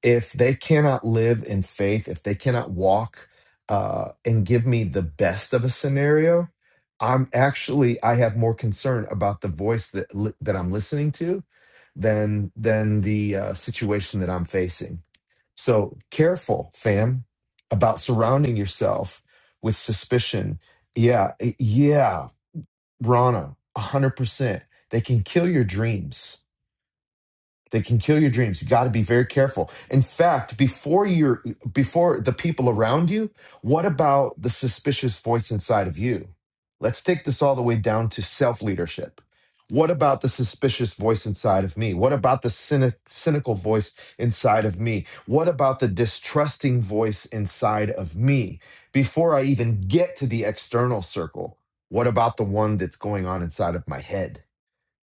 if they cannot live in faith, if they cannot walk uh, and give me the best of a scenario, I'm actually I have more concern about the voice that li- that I'm listening to than than the uh, situation that I'm facing. So careful, fam, about surrounding yourself with suspicion. Yeah, eh, yeah, Rana, hundred percent. They can kill your dreams they can kill your dreams. You got to be very careful. In fact, before you're before the people around you, what about the suspicious voice inside of you? Let's take this all the way down to self-leadership. What about the suspicious voice inside of me? What about the cynic, cynical voice inside of me? What about the distrusting voice inside of me? Before I even get to the external circle, what about the one that's going on inside of my head?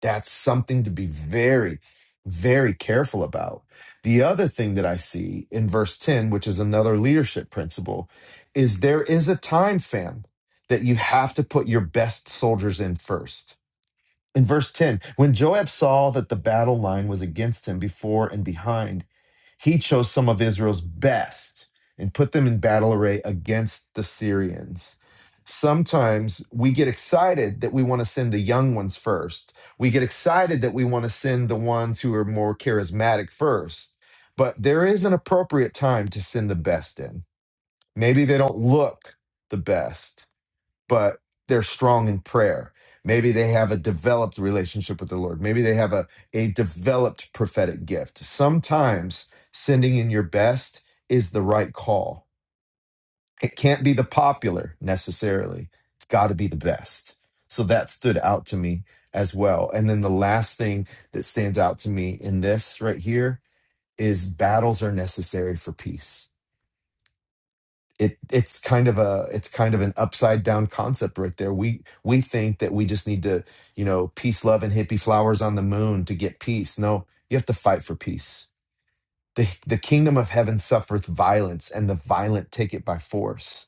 That's something to be very, very careful about. The other thing that I see in verse 10, which is another leadership principle, is there is a time, fam, that you have to put your best soldiers in first. In verse 10, when Joab saw that the battle line was against him before and behind, he chose some of Israel's best and put them in battle array against the Syrians. Sometimes we get excited that we want to send the young ones first. We get excited that we want to send the ones who are more charismatic first. But there is an appropriate time to send the best in. Maybe they don't look the best but they're strong in prayer. Maybe they have a developed relationship with the Lord. Maybe they have a, a developed prophetic gift. Sometimes sending in your best is the right call. It can't be the popular necessarily, it's got to be the best. So that stood out to me as well. And then the last thing that stands out to me in this right here is battles are necessary for peace it it's kind of a it's kind of an upside down concept right there. We we think that we just need to, you know, peace, love, and hippie flowers on the moon to get peace. No, you have to fight for peace. The the kingdom of heaven suffereth violence, and the violent take it by force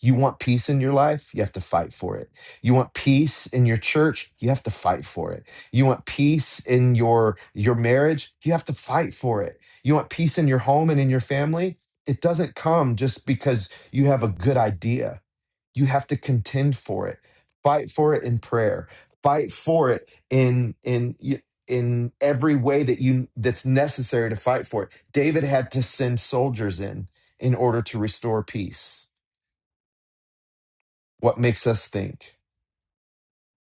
you want peace in your life? You have to fight for it. You want peace in your church? You have to fight for it. You want peace in your your marriage? You have to fight for it. You want peace in your home and in your family? It doesn't come just because you have a good idea. You have to contend for it. Fight for it in prayer. Fight for it in in y- in every way that you that's necessary to fight for it. David had to send soldiers in in order to restore peace what makes us think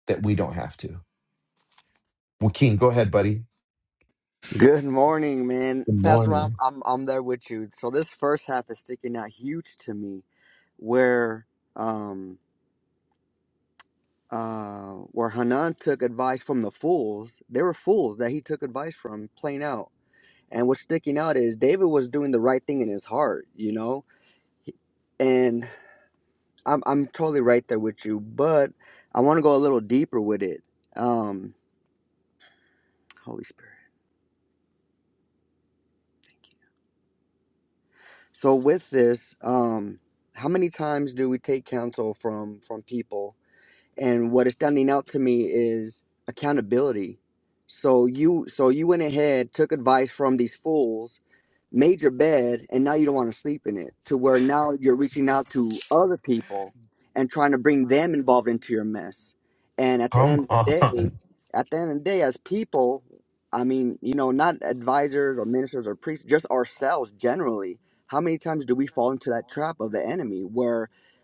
that we don't have to? Joaquin, go ahead, buddy.
Good morning, man.
Good
Pastor Rob,
morning.
I'm I'm there with you. So this first half is sticking out huge to me where um uh where Hanan took advice from the fools. They were fools that he took advice from, plain out. And what's sticking out is David was doing the right thing in his heart, you know? and. I'm I'm totally right there with you, but I want to go a little deeper with it. Um, Holy Spirit. So with this, um, how many times do we take counsel from from people? and what is standing out to me is accountability so you so you went ahead took advice from these fools made your bed and now you don't want to sleep in it to where now you're reaching out to other people and trying to bring them involved into your mess and at the
Come
end of the day
on.
at the end of the day as people i mean you know not advisors or ministers or priests just ourselves generally how many times do we fall into that trap of the enemy where?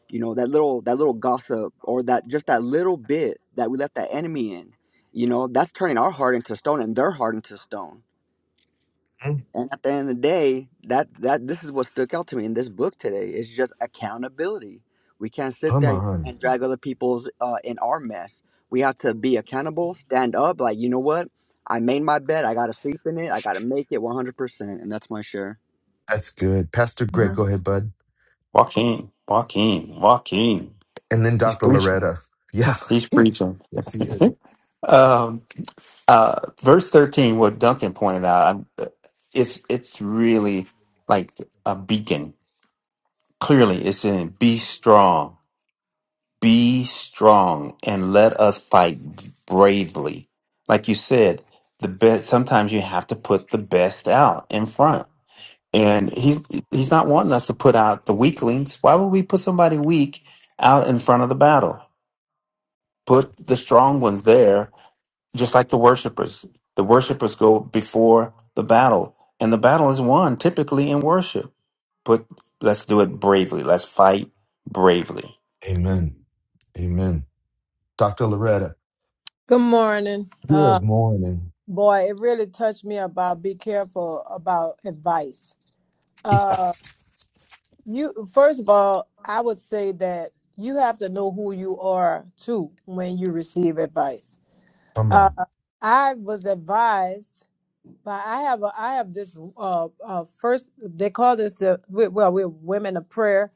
you know that little that little gossip or that just that little bit that we left that enemy in you know that's turning our heart into stone and their heart into stone and at the end of the day that that this is what stuck out to me in this book today it's just accountability we can't sit
Come
there and
on.
and drag other people's uh, in our mess we have to be accountable stand up like you know what i made my bed i gotta sleep in it i gotta make it 100% and that's my share
That's good. Pastor Greg, go
Mhm.
ahead, bud.
Walk in, walk in, walk in.
And then
He's
Dr.
preaching.
Loretta. Yeah.
He's preaching.
yes, he is.
um, uh, verse thirteen, what Duncan pointed out, I'm- uh, it's it's really like a beacon Clearly, it's in be strong, be strong, and let us fight bravely. Like you said, the best. Sometimes you have to put the best out in front, and he's he's not wanting us to put out the weaklings. Why would we put somebody weak out in front of the battle? Put the strong ones there, just like the worshipers. The worshipers go before the battle, and the battle is won typically in worship. Put let's do it bravely. Let's fight bravely.
Amen. Amen. Dr. Loretta,
Good morning. Uh,
good morning.
boy, it really touched me about be careful about advice.
Yeah.
Uh, you first of all, I would say that you have to know who you are too when you receive advice.
Come
Uh,
on.
I was advised But I have a, I have this uh, uh first they call this uh we, well we're women of prayer,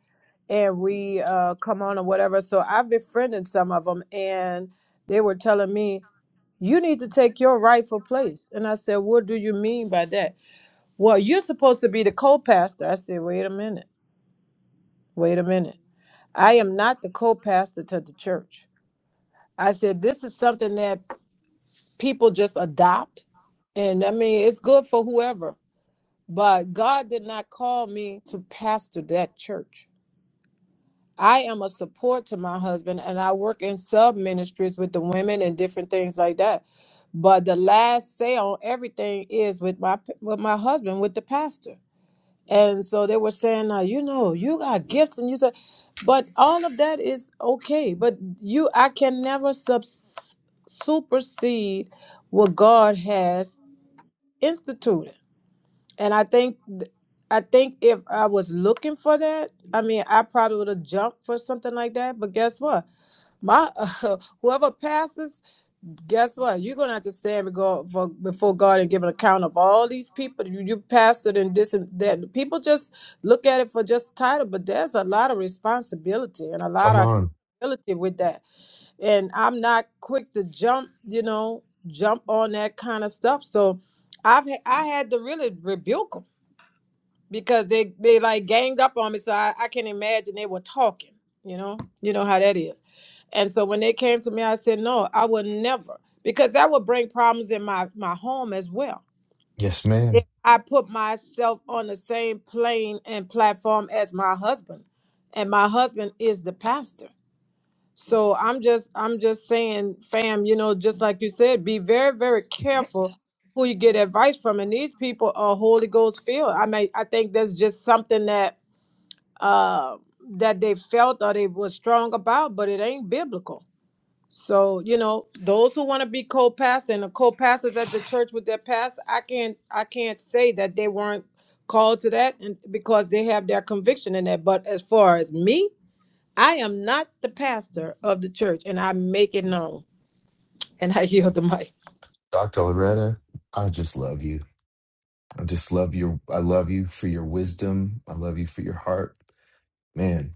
and we uh come on or whatever. So I've befriended some of them, and they were telling me, you need to take your rightful place. And I said, what do you mean by that? Well, you're supposed to be the co-pastor. I said, wait a minute, wait a minute. I am not the co-pastor to the church. I said, this is something that people just adopt, and I mean it's good for whoever. But God did not call me to pastor that church. I am a support to my husband and I work in sub ministries with the women and different things like that. But the last say on everything is with my with my husband, with the pastor. And so they were saying, uh, you know, you got gifts and you said but all of that is okay. But you I can never sub supersede what God has instituted and I think th- I think if I was looking for that, I mean, I probably would have jumped for something like that. But guess what? My whoever passes, guess what? You're gonna have to stand before for, before God and give an account of all these people you, you pastored and this and that. People just look at it for just title, but there's a lot of responsibility and a lot
Come
of
on.
accountability with that. And I'm not quick to jump, you know, jump on that kind of stuff. So I've ha- I had to really rebuke 'em because they they like ganged up on me so I, I can imagine they were talking you know you know how that is and so when they came to me i said no i would never because that would bring problems in my my home as well
Yes,
if
ma'am.
i put myself on the same plane and platform as my husband and my husband is the pastor so I'm just I'm just saying, fam, you know, just like you said, be very, very careful who you get advice from. And these people are Holy Ghost filled. I mean, I think that's just something that uh that they felt or they were strong about, but it ain't biblical. So, you know, those who want to be co-pastor and the co-pastors at the church with their pastor, I can't I can't say that they weren't called to that and because they have their conviction in that. But as far as me, I am not the pastor of the church, and I make it known. And I yield the mic.
Dr. Loretta, I just love you. I just love your I love you for your wisdom. I love you for your heart. Man,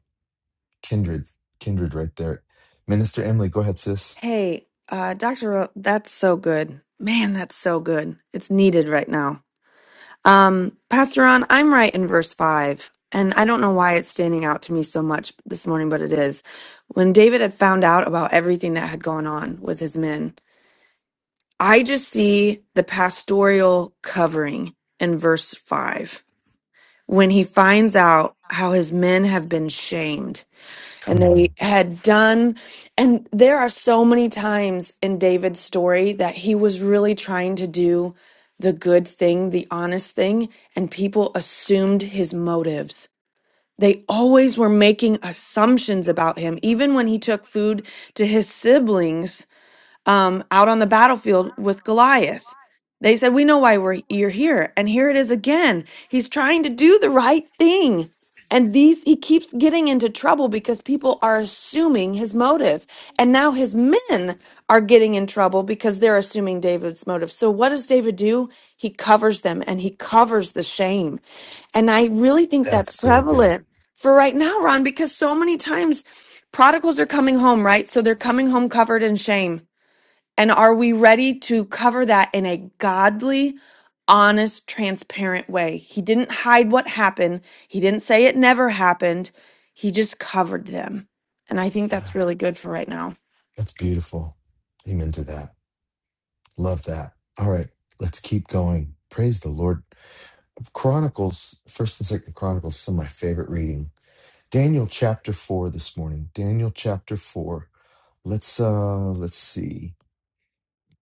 Kindred, kindred right there. Minister Emily, go ahead, sis.
Hey, uh, Dr. Ro- that's so good. Man, that's so good. It's needed right now. Um, Pastor Ron, I'm right in verse 5, and I don't know why it's standing out to me so much this morning, but it is. When David had found out about everything that had gone on with his men, I just see the pastoral covering in verse 5 when he finds out how his men have been shamed and
Come
they
on.
had done and there are so many times in David's story that he was really trying to do the good thing, the honest thing, and people assumed his motives. They always were making assumptions about him even when he took food to his siblings um, out on the battlefield with Goliath. They said, We know why we're, you're here. And here it is again. He's trying to do the right thing. And these, he keeps getting into trouble because people are assuming his motive. And now his men are getting in trouble because they're assuming David's motive. So what does David do? He covers them and he covers the shame. And I really think
That's
that's
so good.
prevalent for right now, Ron, because so many times prodigals are coming home, right? So they're coming home covered in shame and are we ready to cover that in a godly, honest, transparent way? He didn't hide what happened, he didn't say it never happened, he just covered them. And I think
Yeah,
that's really good for right now.
that's beautiful. Amen to that. Love that. All right, let's keep going. Praise the Lord. Chronicles, first and second Chronicles, some of my favorite reading. Daniel chapter four this morning. Daniel chapter four. Let's uh let's see.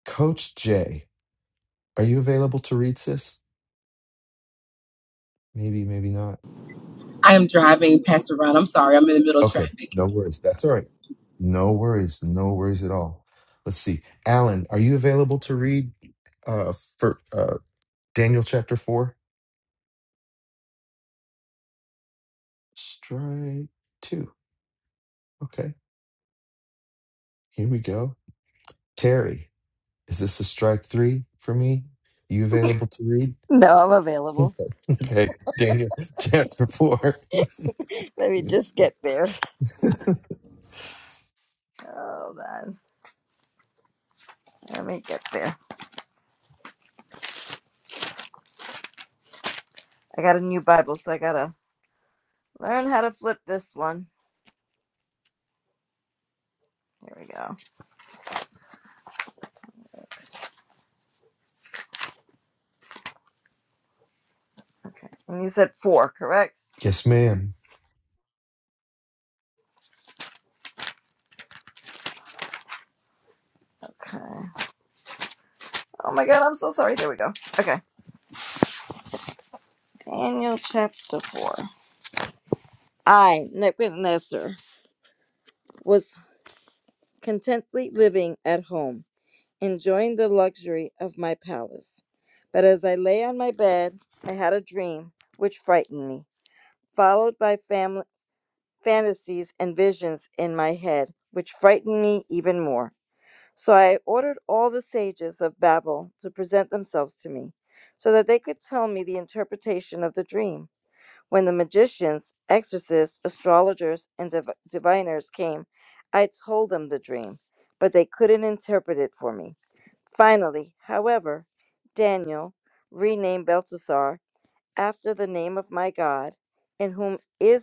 Coach Jay, are you available to read, sis? Maybe, maybe not.
I am driving past the run. I'm sorry, I'm in the middle of
Okay,
traffic.
no worries. That's all right. No worries. No worries at all. Let's see. Alan, are you available to read uh for uh Daniel chapter 4? Strike 2. Okay. Here we go. Terry, is this a strike 3 for me? You available to read?
No, I'm available.
Okay, Daniel chapter 4.
Let me just get there. Hold on. Let me get there. I got a new Bible, so I gotta learn how to flip this one. Here we go. Okay. And you said four, correct?
yes, madam
Okay. Oh my god, I'm so sorry. There we go. Okay. Daniel chapter four. I, Nebuchadnezzar, was contently living at home, enjoying the luxury of my palace. But as I lay on my bed, I had a dream which frightened me, followed by famine. fantasies and visions in my head, which frightened me even more. So I ordered all the sages of Babel to present themselves to me, so that they could tell me the interpretation of the dream. When the magicians, exorcists, astrologers, and div- diviners came, I told them the dream, but they couldn't interpret it for me. Finally, however, Daniel, renamed Belteshazzar, after the name of my God, in whom is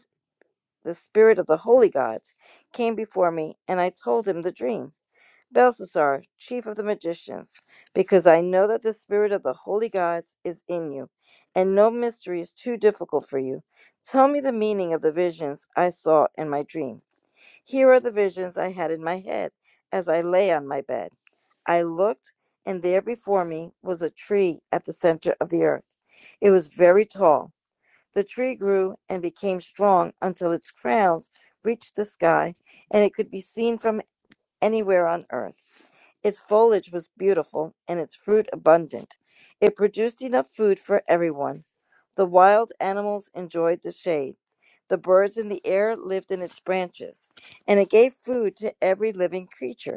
the spirit of the holy gods, came before me, and I told him the dream. Belshazzar, chief of the magicians, because I know that the spirit of the holy gods is in you, and no mystery is too difficult for you. Tell me the meaning of the visions I saw in my dream. Here are the visions I had in my head as I lay on my bed. I looked, and there before me was a tree at the center of the earth. It was very tall the tree grew and became strong until its crowns reached the sky, and it could be seen from anywhere on earth. Its foliage was beautiful and its fruit abundant. It produced enough food for everyone. The wild animals enjoyed the shade. The birds in the air lived in its branches, and it gave food to every living creature.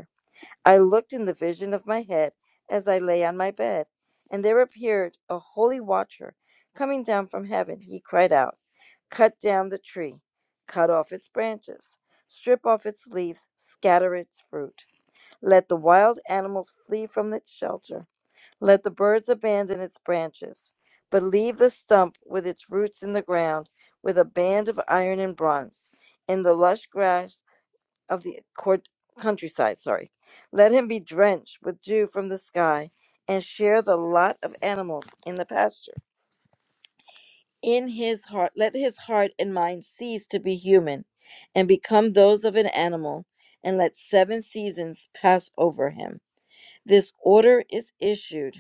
I looked in the vision of my head as I lay on my bed, and there appeared a holy watcher coming down from heaven. He cried out, Cut down the tree, cut off its branches, strip off its leaves, scatter its fruit. Let the wild animals flee from its shelter. Let the birds abandon its branches, but leave the stump with its roots in the ground, with a band of iron and bronze, in the lush grass of the court countryside, sorry. Let him be drenched with dew from the sky and share the lot of animals in the pasture. In his heart, let his heart and mind cease to be human and become those of an animal, and let seven seasons pass over him. This order is issued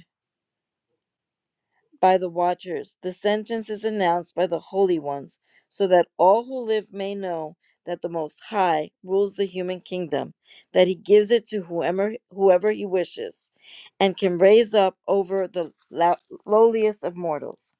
by the watchers. The sentence is announced by the holy ones, so that all who live may know that the Most High rules the human kingdom, that he gives it to whoever, whoever he wishes, and can raise up over the lowliest of mortals.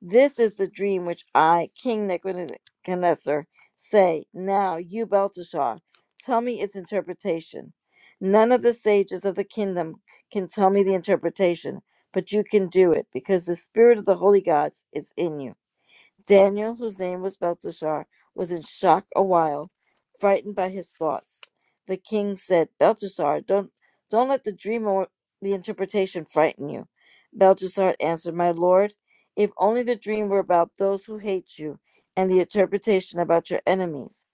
This is the dream which I, King Nebuchadnezzar, say. Now, you, Belteshazzar, tell me its interpretation. None of the sages of the kingdom can tell me the interpretation, but you can do it, because the spirit of the holy gods is in you. Daniel, whose name was Belteshazzar, was in shock a while, frightened by his thoughts. The king said, Belteshazzar, don't, don't let the dream or the interpretation frighten you. Belteshazzar answered, My lord, if only the dream were about those who hate you, and the interpretation about your enemies.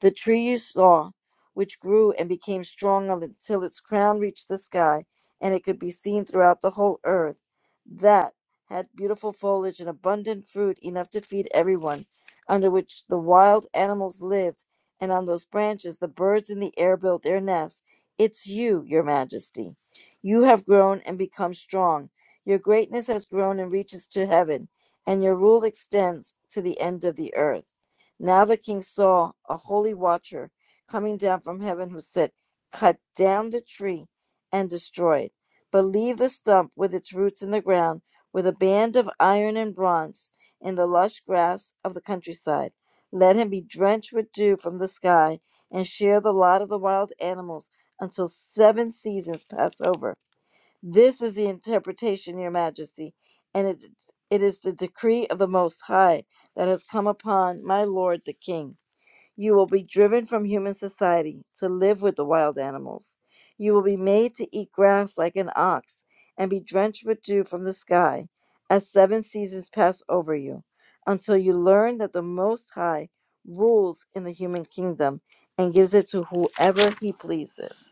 The tree you saw, which grew and became strong until its crown reached the sky, and it could be seen throughout the whole earth, that had beautiful foliage and abundant fruit enough to feed everyone, under which the wild animals lived, and on those branches the birds in the air built their nests. It's you, your majesty. You have grown and become strong. Your greatness has grown and reaches to heaven, and your rule extends to the end of the earth. Now the king saw a holy watcher coming down from heaven who said, Cut down the tree and destroy it, but leave the stump with its roots in the ground with a band of iron and bronze in the lush grass of the countryside. Let him be drenched with dew from the sky and share the lot of the wild animals until seven seasons pass over. This is the interpretation, Your Majesty, and it, it is the decree of the Most High that has come upon my lord the king. You will be driven from human society to live with the wild animals. You will be made to eat grass like an ox and be drenched with dew from the sky as seven seasons pass over you until you learn that the Most High rules in the human kingdom and gives it to whoever he pleases.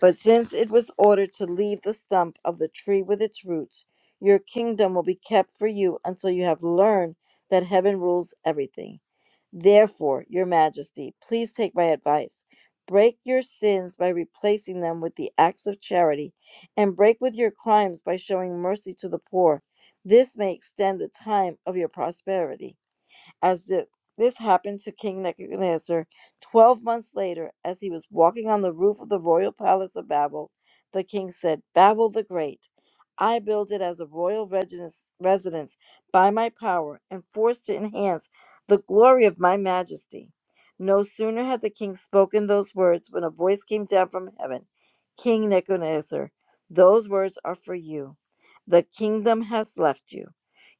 But since it was ordered to leave the stump of the tree with its roots, your kingdom will be kept for you until you have learned that heaven rules everything. Therefore, your majesty, please take my advice. Break your sins by replacing them with the acts of charity, and break with your crimes by showing mercy to the poor. This may extend the time of your prosperity as the, this happened to King Nebuchadnezzar 12 months later, as he was walking on the roof of the royal palace of Babel, the king said, Babel the Great, I built it as a royal residence residence by my power and forced to enhance the glory of my majesty. No sooner had the king spoken those words when a voice came down from heaven King Nebuchadnezzar, those words are for you. The kingdom has left you.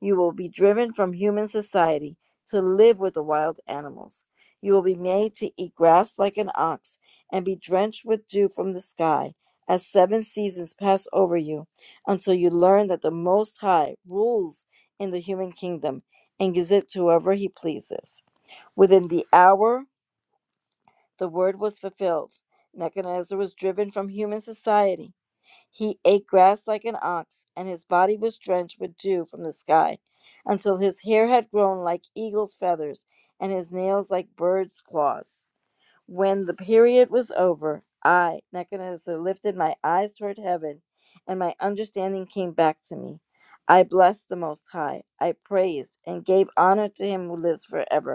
You will be driven from human society to live with the wild animals. You will be made to eat grass like an ox and be drenched with dew from the sky as seven seasons pass over you until you learn that the Most High rules in the human kingdom and gives it to whoever he pleases. Within the hour, the word was fulfilled. Nebuchadnezzar was driven from human society. He ate grass like an ox, and his body was drenched with dew from the sky, until his hair had grown like eagle's feathers, and his nails like birds' claws. When the period was over, I, Nebuchadnezzar, lifted my eyes toward heaven, and my understanding came back to me. I blessed the Most High. I praised and gave honor to him who lives forever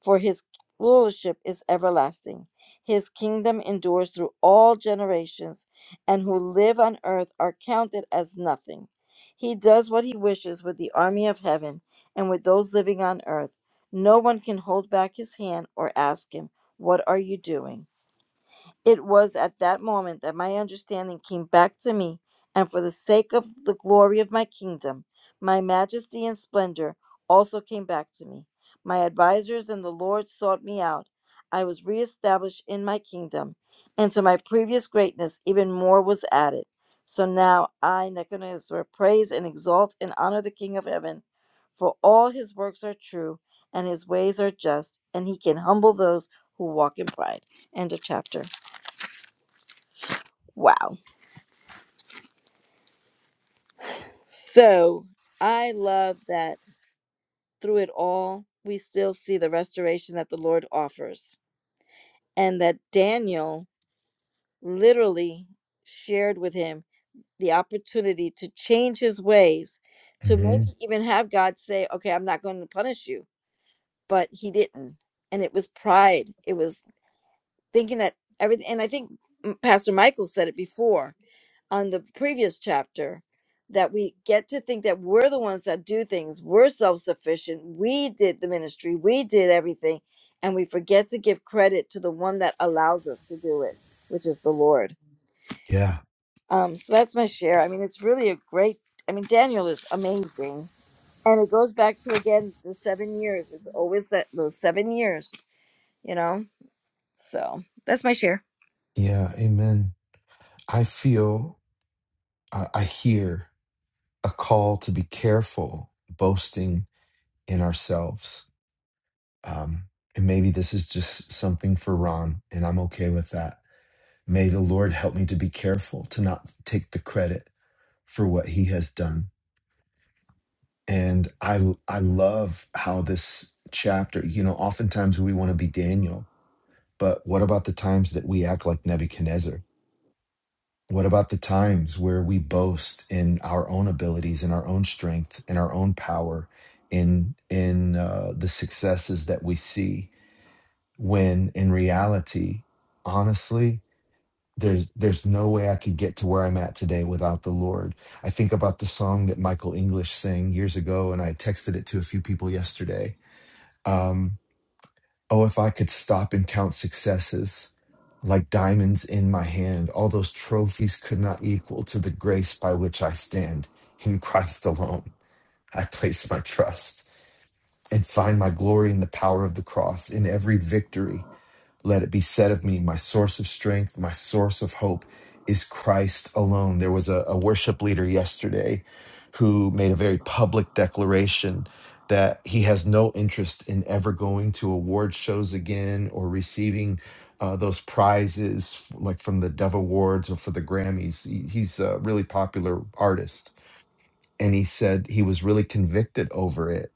for his rulership is everlasting. His kingdom endures through all generations, and who live on earth are counted as nothing. He does what he wishes with the army of heaven and with those living on earth. No one can hold back his hand or ask him, What are you doing? It was at that moment that my understanding came back to me, and for the sake of the glory of my kingdom, my majesty and splendor also came back to me. My advisors and the Lord sought me out. I was reestablished in my kingdom, and to my previous greatness, even more was added. So now I, Nebuchadnezzar, praise and exalt and honor the King of heaven, for all his works are true, and his ways are just, and he can humble those who walk in pride. End of chapter. Wow. So I love that through it all, we still see the restoration that the Lord offers, and that Daniel literally shared with him the opportunity to change his ways, to
hmm
maybe even have God say, Okay, I'm not going to punish you. But he didn't. And it was pride, it was thinking that everything, and I think mm, Pastor Michael said it before on the previous chapter that we get to think that we're the ones that do things, we're self sufficient, we did the ministry, we did everything, and we forget to give credit to the one that allows us to do it, which is the Lord.
Yeah.
Um, so that's my share. I mean, it's really a great, I mean, Daniel is amazing. And it goes back to again the seven years. It's always that those seven years, you know? So that's my share.
Yeah, amen. I feel, I I hear a call to be careful boasting in ourselves. Um, and maybe this is just something for Ron, and I'm okay with that. May the Lord help me to be careful to not take the credit for what He has done. And I, I love how this chapter, you know, oftentimes we want to be Daniel, but what about the times that we act like Nebuchadnezzar? What about the times where we boast in our own abilities, in our own strength, in our own power, in in uh, the successes that we see? When in reality, honestly, there's there's no way I could get to where I'm at today without the Lord. I think about the song that Michael English sang years ago, and I texted it to a few people yesterday. Um, Oh, if I could stop and count successes like diamonds in my hand, all those trophies could not equal to the grace by which I stand. In Christ alone, I place my trust and find my glory in the power of the cross in every victory. Let it be said of me, my source of strength, my source of hope is Christ alone. There was a, a worship leader yesterday who made a very public declaration that he has no interest in ever going to award shows again or receiving uh, those prizes f- like from the Dove Awards or for the Grammys. He- He's a really popular artist. And he said he was really convicted over it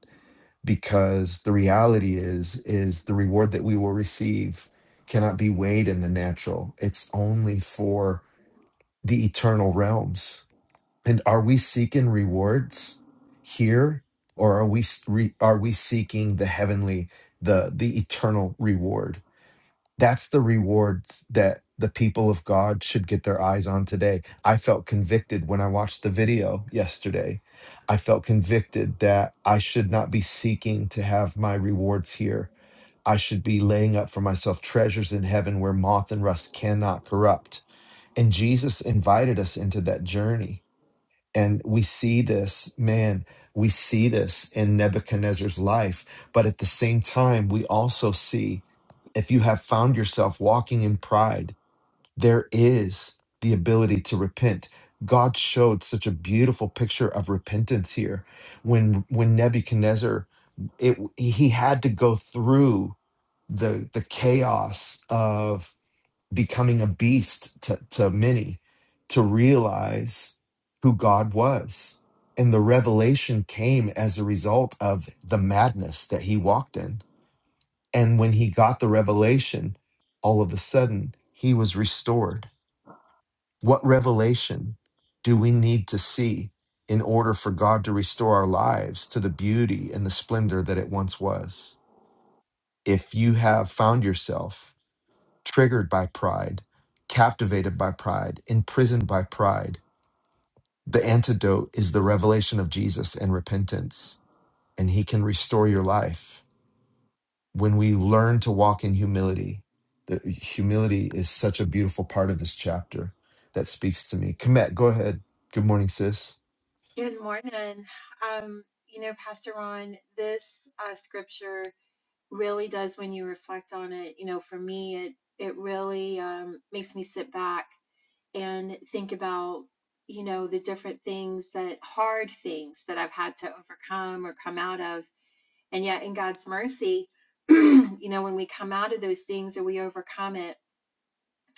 because the reality is is the reward that we will receive cannot be weighed in the natural it's only for the eternal realms and are we seeking rewards here or are we re, are we seeking the heavenly the the eternal reward that's the rewards that the people of God should get their eyes on today. I felt convicted when I watched the video yesterday. I felt convicted that I should not be seeking to have my rewards here. I should be laying up for myself treasures in heaven where moth and rust cannot corrupt. And Jesus invited us into that journey and we see this, man, we see this in Nebuchadnezzar's life. But at the same time, we also see if you have found yourself walking in pride, there is the ability to repent. God showed such a beautiful picture of repentance here when when Nebuchadnezzar it he had to go through the the chaos of becoming a beast to, to many to realize who God was. And the revelation came as a result of the madness that he walked in. And when he got the revelation, all of a sudden he was restored. What revelation do we need to see in order for God to restore our lives to the beauty and the splendor that it once was? If you have found yourself triggered by pride, captivated by pride, imprisoned by pride. The antidote is the revelation of Jesus and repentance, and He can restore your life. When we learn to walk in humility, the, humility is such a beautiful part of this chapter that speaks to me. Komet, go ahead. Good morning, sis.
Good morning. Um, you know, Pastor Ron, this uh, scripture really does, when you reflect on it, you know, for me, it it really um, makes me sit back and think about, you know, the different things that hard things that I've had to overcome or come out of, and yet in God's mercy, you know, when we come out of those things or we overcome it,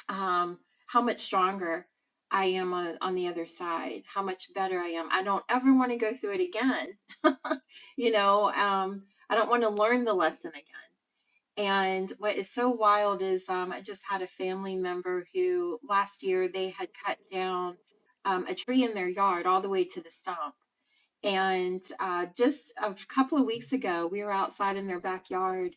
um, how much stronger I am on, on the other side, how much better I am. I don't ever want to go through it again you know um i don't want to learn the lesson again and what is so wild is um i just had a family member who last year they had cut down um, a tree in their yard all the way to the stump and uh, just a couple of weeks ago we were outside in their backyard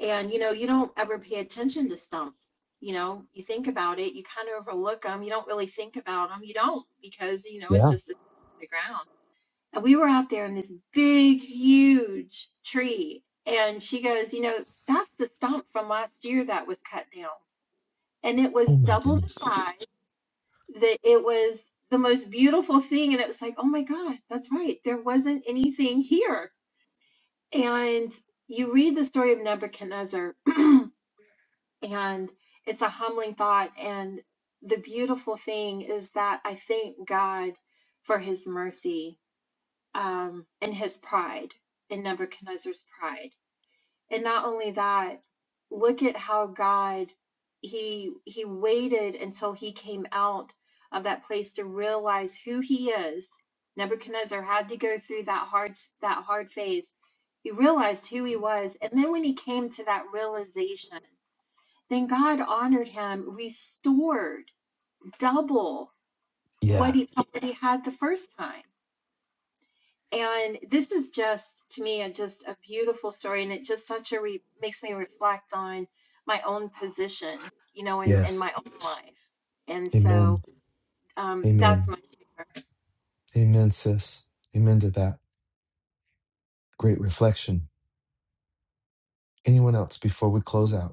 and you know you don't ever pay attention to stumps you know you think about it you kind of overlook them you don't really think about them you don't because you know it's
Yeah.
just the ground and we were out there in this big, huge tree. And she goes, You know, that's the stump from last year that was cut down. And it was
Oh, my
double the
goodness.
size, that it was the most beautiful thing. And it was like, Oh my God, that's right. There wasn't anything here. And you read the story of Nebuchadnezzar, and it's a humbling thought. And the beautiful thing is that I thank God for his mercy um, in his pride, in Nebuchadnezzar's pride. And not only that, look at how God he he waited until he came out of that place to realize who he is. Nebuchadnezzar had to go through that hard that hard phase. He realized who he was, and then when he came to that realization, then God honored him, restored double what
Yeah.
he already had the first time. And this is just, to me, a, just a beautiful story. And it just such a re- makes me reflect on my own position, you know, in, in
Yes.
my own life. And so
Amen.
um, that's
Amen.
my.
Amen, sis. Amen to that. Great reflection. Anyone else before we close out?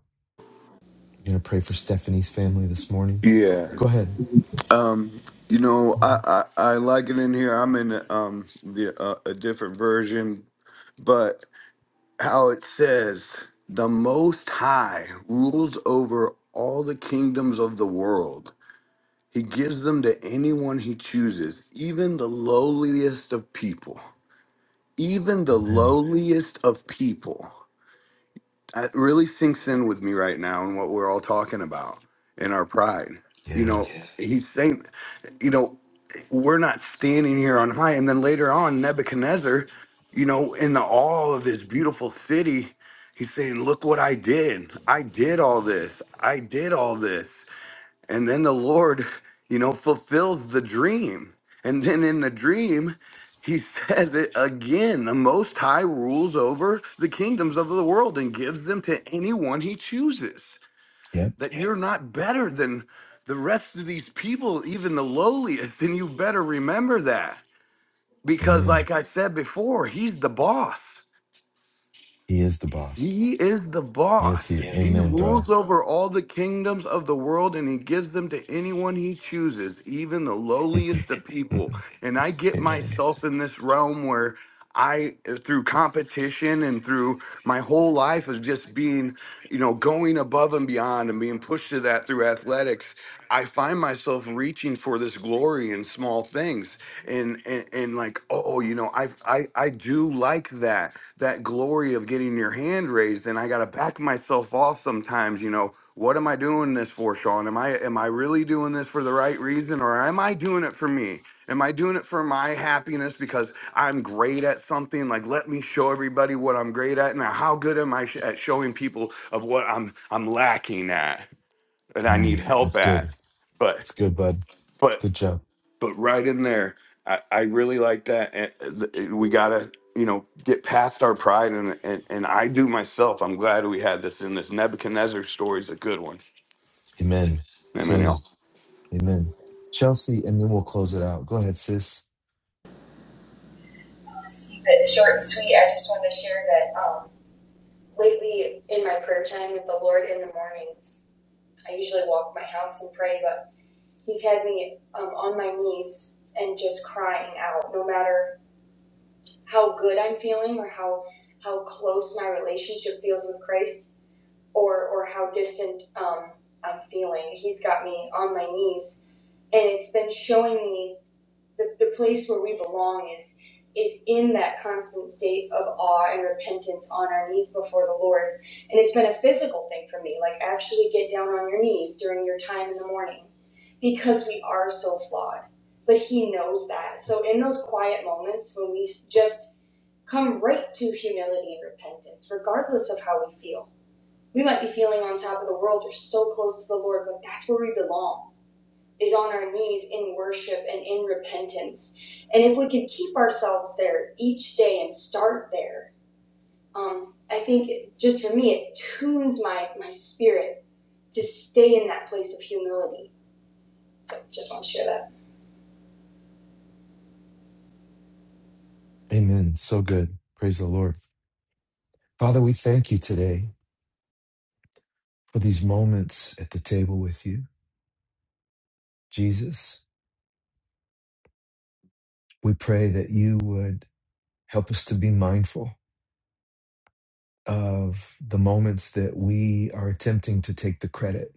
You're going to pray for Stephanie's family this morning.
Yeah.
Go ahead.
I'll
Um, you know, I, I I like it in here. I'm in um the uh, a different version, but how it says the Most High rules over all the kingdoms of the world. He gives them to anyone he chooses, even the lowliest of people. even the
Amen.
lowliest of people. That really sinks in with me right now and what we're all talking about in our pride. You know, Yeah.
Yes.
he's saying, you know, we're not standing here on high. And then later on, Nebuchadnezzar, you know, in the awe of this beautiful city, he's saying, Look what I did. I did all this. I did all this. And then the Lord, you know, fulfills the dream. And then in the dream, he says it again the Most High rules over the kingdoms of the world and gives them to anyone he chooses.
Yep.
That you're not better than the rest of these people, even the lowliest. And you better remember that. Because,
Amen.
like I said before, he's the boss.
He is the boss.
He is the
Yes.
boss.
He,
Yes. He
amen, bro.
rules over all the kingdoms of the world and he gives them to anyone he chooses, even the lowliest of people.
amen.
And I get
Amen.
myself in this realm where I, through competition and through my whole life, is just being, you know, going above and beyond and being pushed to that through athletics. I find myself reaching for this glory in small things, and and, and like, oh, you know, I, I I do like that that glory of getting your hand raised, and I gotta back myself off sometimes. You know, what am I doing this for, Sean? Am I am I really doing this for the right reason, or am I doing it for me? Am I doing it for my happiness because I'm great at something? Like, let me show everybody what I'm great at. Now, how good am I sh- at showing people of what I'm I'm lacking at? and I need help
That's
at.
good.
But
That's good, bud.
but
Good job.
but right in there, I, I really like that. And uh, th- we gotta you know get past our pride and, and and I do myself. I'm glad we had this in this Nebuchadnezzar story is a good one.
Amen.
Amen, y'all.
Same. Amen. Chelsea, and then we'll close it out. Go ahead, sis.
just keep it short and sweet. I just want to share that um, lately in my prayer time with the Lord in the mornings, I usually walk my house and pray, but He's had me um, on my knees and just crying out, no matter how good I'm feeling or how how close my relationship feels with Christ, or or how distant um, I'm feeling. He's got me on my knees, and it's been showing me. the, the place where we belong is is in that constant state of awe and repentance on our knees before the Lord. And it's been a physical thing for me, like actually get down on your knees during your time in the morning because we are so flawed. But he knows that. So in those quiet moments when we just come right to humility and repentance, regardless of how we feel. We might be feeling on top of the world or so close to the Lord, but that's where we belong is on our knees in worship and in repentance. And if we could keep ourselves there each day and start there, um, I think it, just for me, it tunes my, my spirit to stay in that place of humility. So just want to share that.
Amen. So good. Praise the Lord. Father, we thank you today for these moments at the table with you. Jesus, we pray that you would help us to be mindful of the moments that we are attempting to take the credit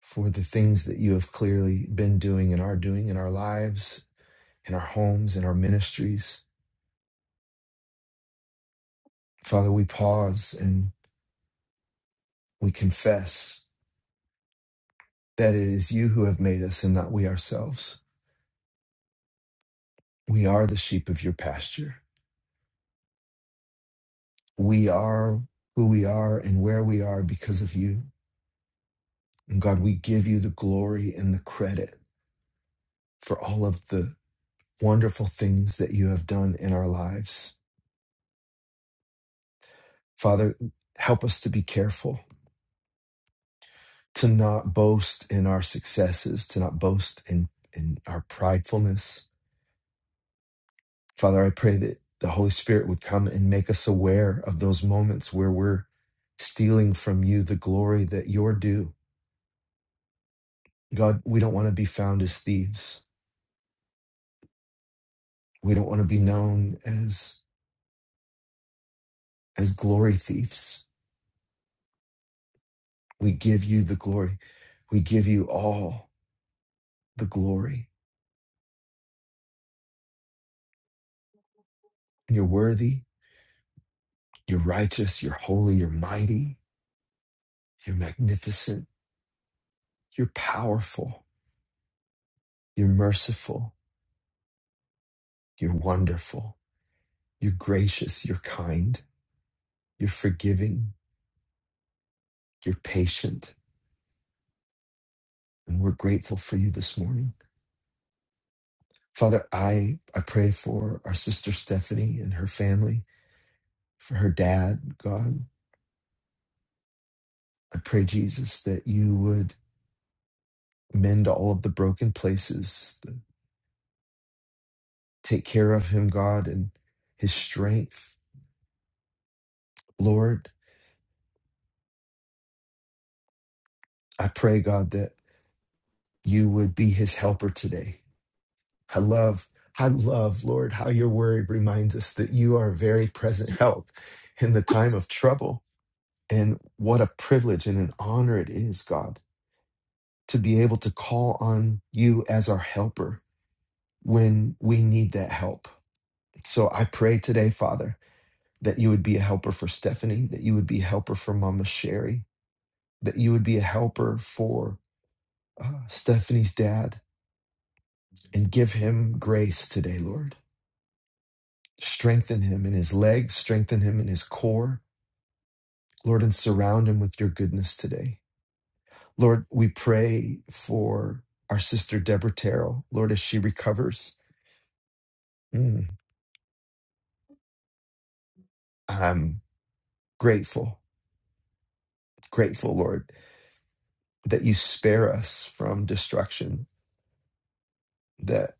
for the things that you have clearly been doing and are doing in our lives, in our homes, in our ministries. Father, we pause and we confess that it is you who have made us and not we ourselves. We are the sheep of your pasture. We are who we are and where we are because of you. And God, we give you the glory and the credit for all of the wonderful things that you have done in our lives Father, help us to be careful to not boast in our successes, to not boast in, in our pridefulness. Father, I pray that the Holy Spirit would come and make us aware of those moments where we're stealing from you the glory that you're due. God, we don't want to be found as thieves. We don't want to be known as as glory thieves. We give you the glory. We give you all the glory. You're worthy, you're righteous, you're holy, you're mighty. You're magnificent. You're powerful. You're merciful. You're wonderful. You're gracious. You're kind. You're forgiving. You're patient. And we're grateful for you this morning. Father, I, I pray for our sister Stephanie and her family, for her dad, God. I pray, Jesus, that you would mend all of the broken places, take care of him, God, and his strength. Lord, I pray, God, that you would be his helper today I love, I love, Lord, how your word reminds us that you are a very present help in the time of trouble. And what a privilege and an honor it is, God, to be able to call on you as our helper when we need that help. So I pray today, Father, that you would be a helper for Stephanie, that you would be a helper for Mama Sherry, that you would be a helper for uh, Stephanie's dad, and give him grace today, Lord Strengthen him in his legs, strengthen him in his core, Lord, and surround him with your goodness today. Lord, we pray for our sister Deborah Terrell, Lord, as she recovers. Mm, I'm grateful, grateful, Lord, that you spare us from destruction, that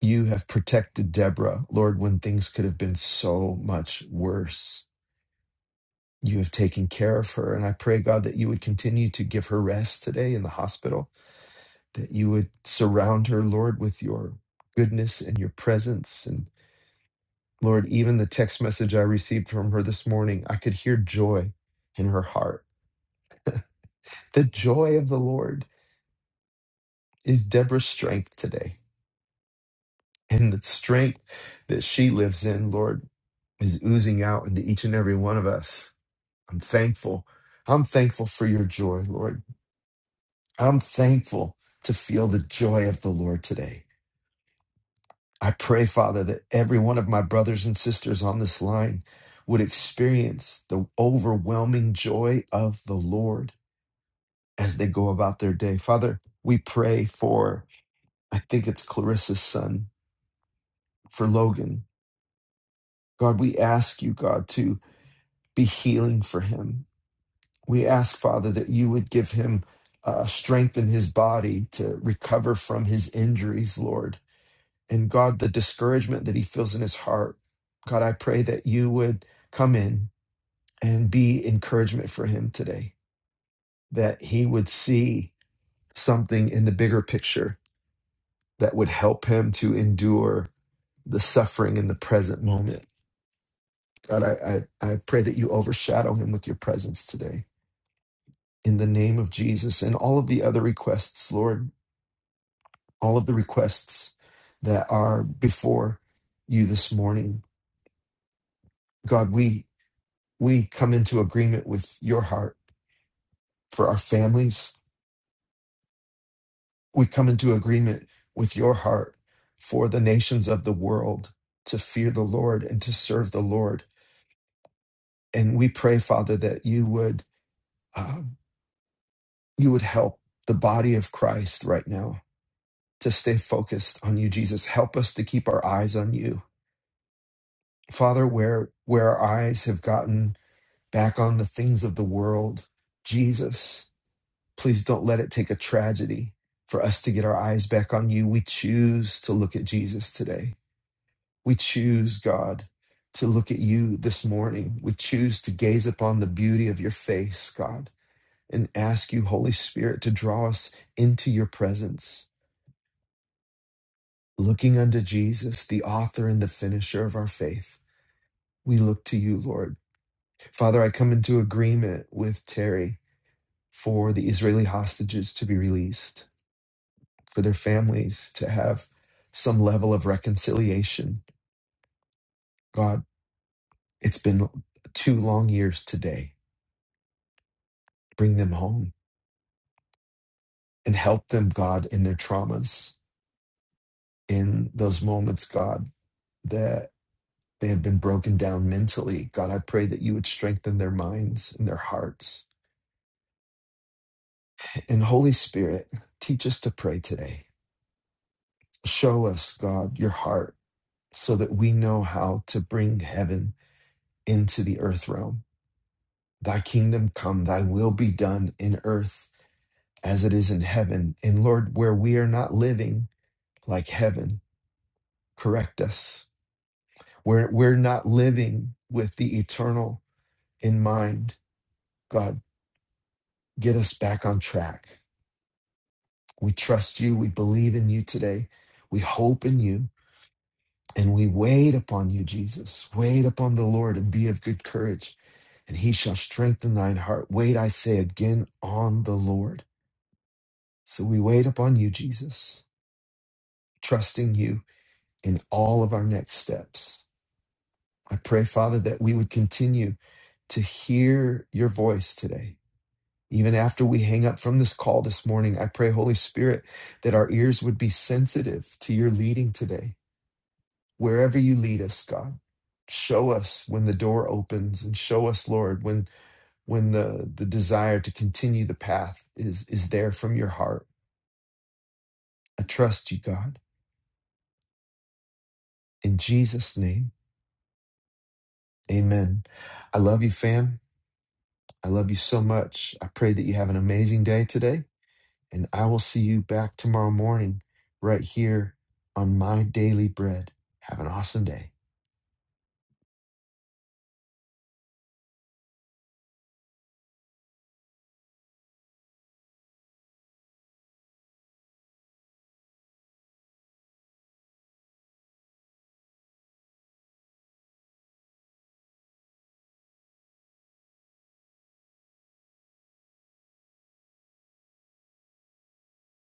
you have protected Deborah, Lord, when things could have been so much worse. You have taken care of her. And I pray, God, that you would continue to give her rest today in the hospital that you would surround her, Lord, with your goodness and your presence. And Lord, even the text message I received from her this morning, I could hear joy in her heart. The joy of the Lord is Deborah's strength today. And the strength that she lives in, Lord, is oozing out into each and every one of us. I'm thankful. I'm thankful for your joy, Lord. I'm thankful to feel the joy of the Lord today. I pray, Father, that every one of my brothers and sisters on this line would experience the overwhelming joy of the Lord as they go about their day. Father, we pray for, I think it's Clarissa's son, for Logan. God, we ask you, God, to be healing for him. We ask, Father, that you would give him uh, strength in his body to recover from his injuries, Lord. and God, the discouragement that he feels in his heart, God, I pray that you would come in and be encouragement for him today, that he would see something in the bigger picture that would help him to endure the suffering in the present moment. God, I, I, I pray that you overshadow him with your presence today in the name of Jesus and all of the other requests, Lord, all of the requests that are before you this morning. God, we We come into agreement with your heart for our families. We come into agreement with your heart for the nations of the world to fear the Lord and to serve the Lord. And we pray, Father, that you would um, you would help the body of Christ right now to stay focused on you, Jesus. Help us to keep our eyes on you, Father. Where where our eyes have gotten back on the things of the world, Jesus. Please don't let it take a tragedy for us to get our eyes back on you. We choose to look at Jesus today. We choose, God, to look at you this morning. We choose to gaze upon the beauty of your face, God, and ask you, Holy Spirit, to draw us into your presence. Looking unto Jesus, the author and the finisher of our faith, we look to you, Lord. Father, I come into agreement with Terry for the Israeli hostages to be released. for their families to have some level of reconciliation. God, it's been two long years today. Bring them home and help them, God, in their traumas, in those moments, God, that they have been broken down mentally. God, I pray that you would strengthen their minds and their hearts. And Holy Spirit, teach us to pray today. Show us, God, your heart so that we know how to bring heaven into the earth realm Thy kingdom come, thy will be done in earth as it is in heaven. And Lord, where we are not living like heaven, correct us. Where we're not living with the eternal in mind, God, get us back on track. We trust you. We believe in you today. We hope in you. And we wait upon you, Jesus. Wait upon the Lord and be of good courage, and he shall strengthen thine heart. Wait, I say again, on the Lord. So we wait upon you, Jesus. trusting you in all of our next steps. I pray, Father, that we would continue to hear your voice today. Even after we hang up from this call this morning, I pray, Holy Spirit, that our ears would be sensitive to your leading today. Wherever you lead us, God, show us when the door opens and show us, Lord, when when the, the desire to continue the path is, is there from your heart. I trust you, God. In Jesus' name, amen. I love you, fam. I love you so much. I pray that you have an amazing day today, and I will see you back tomorrow morning right here on My Daily Bread. Have an awesome day.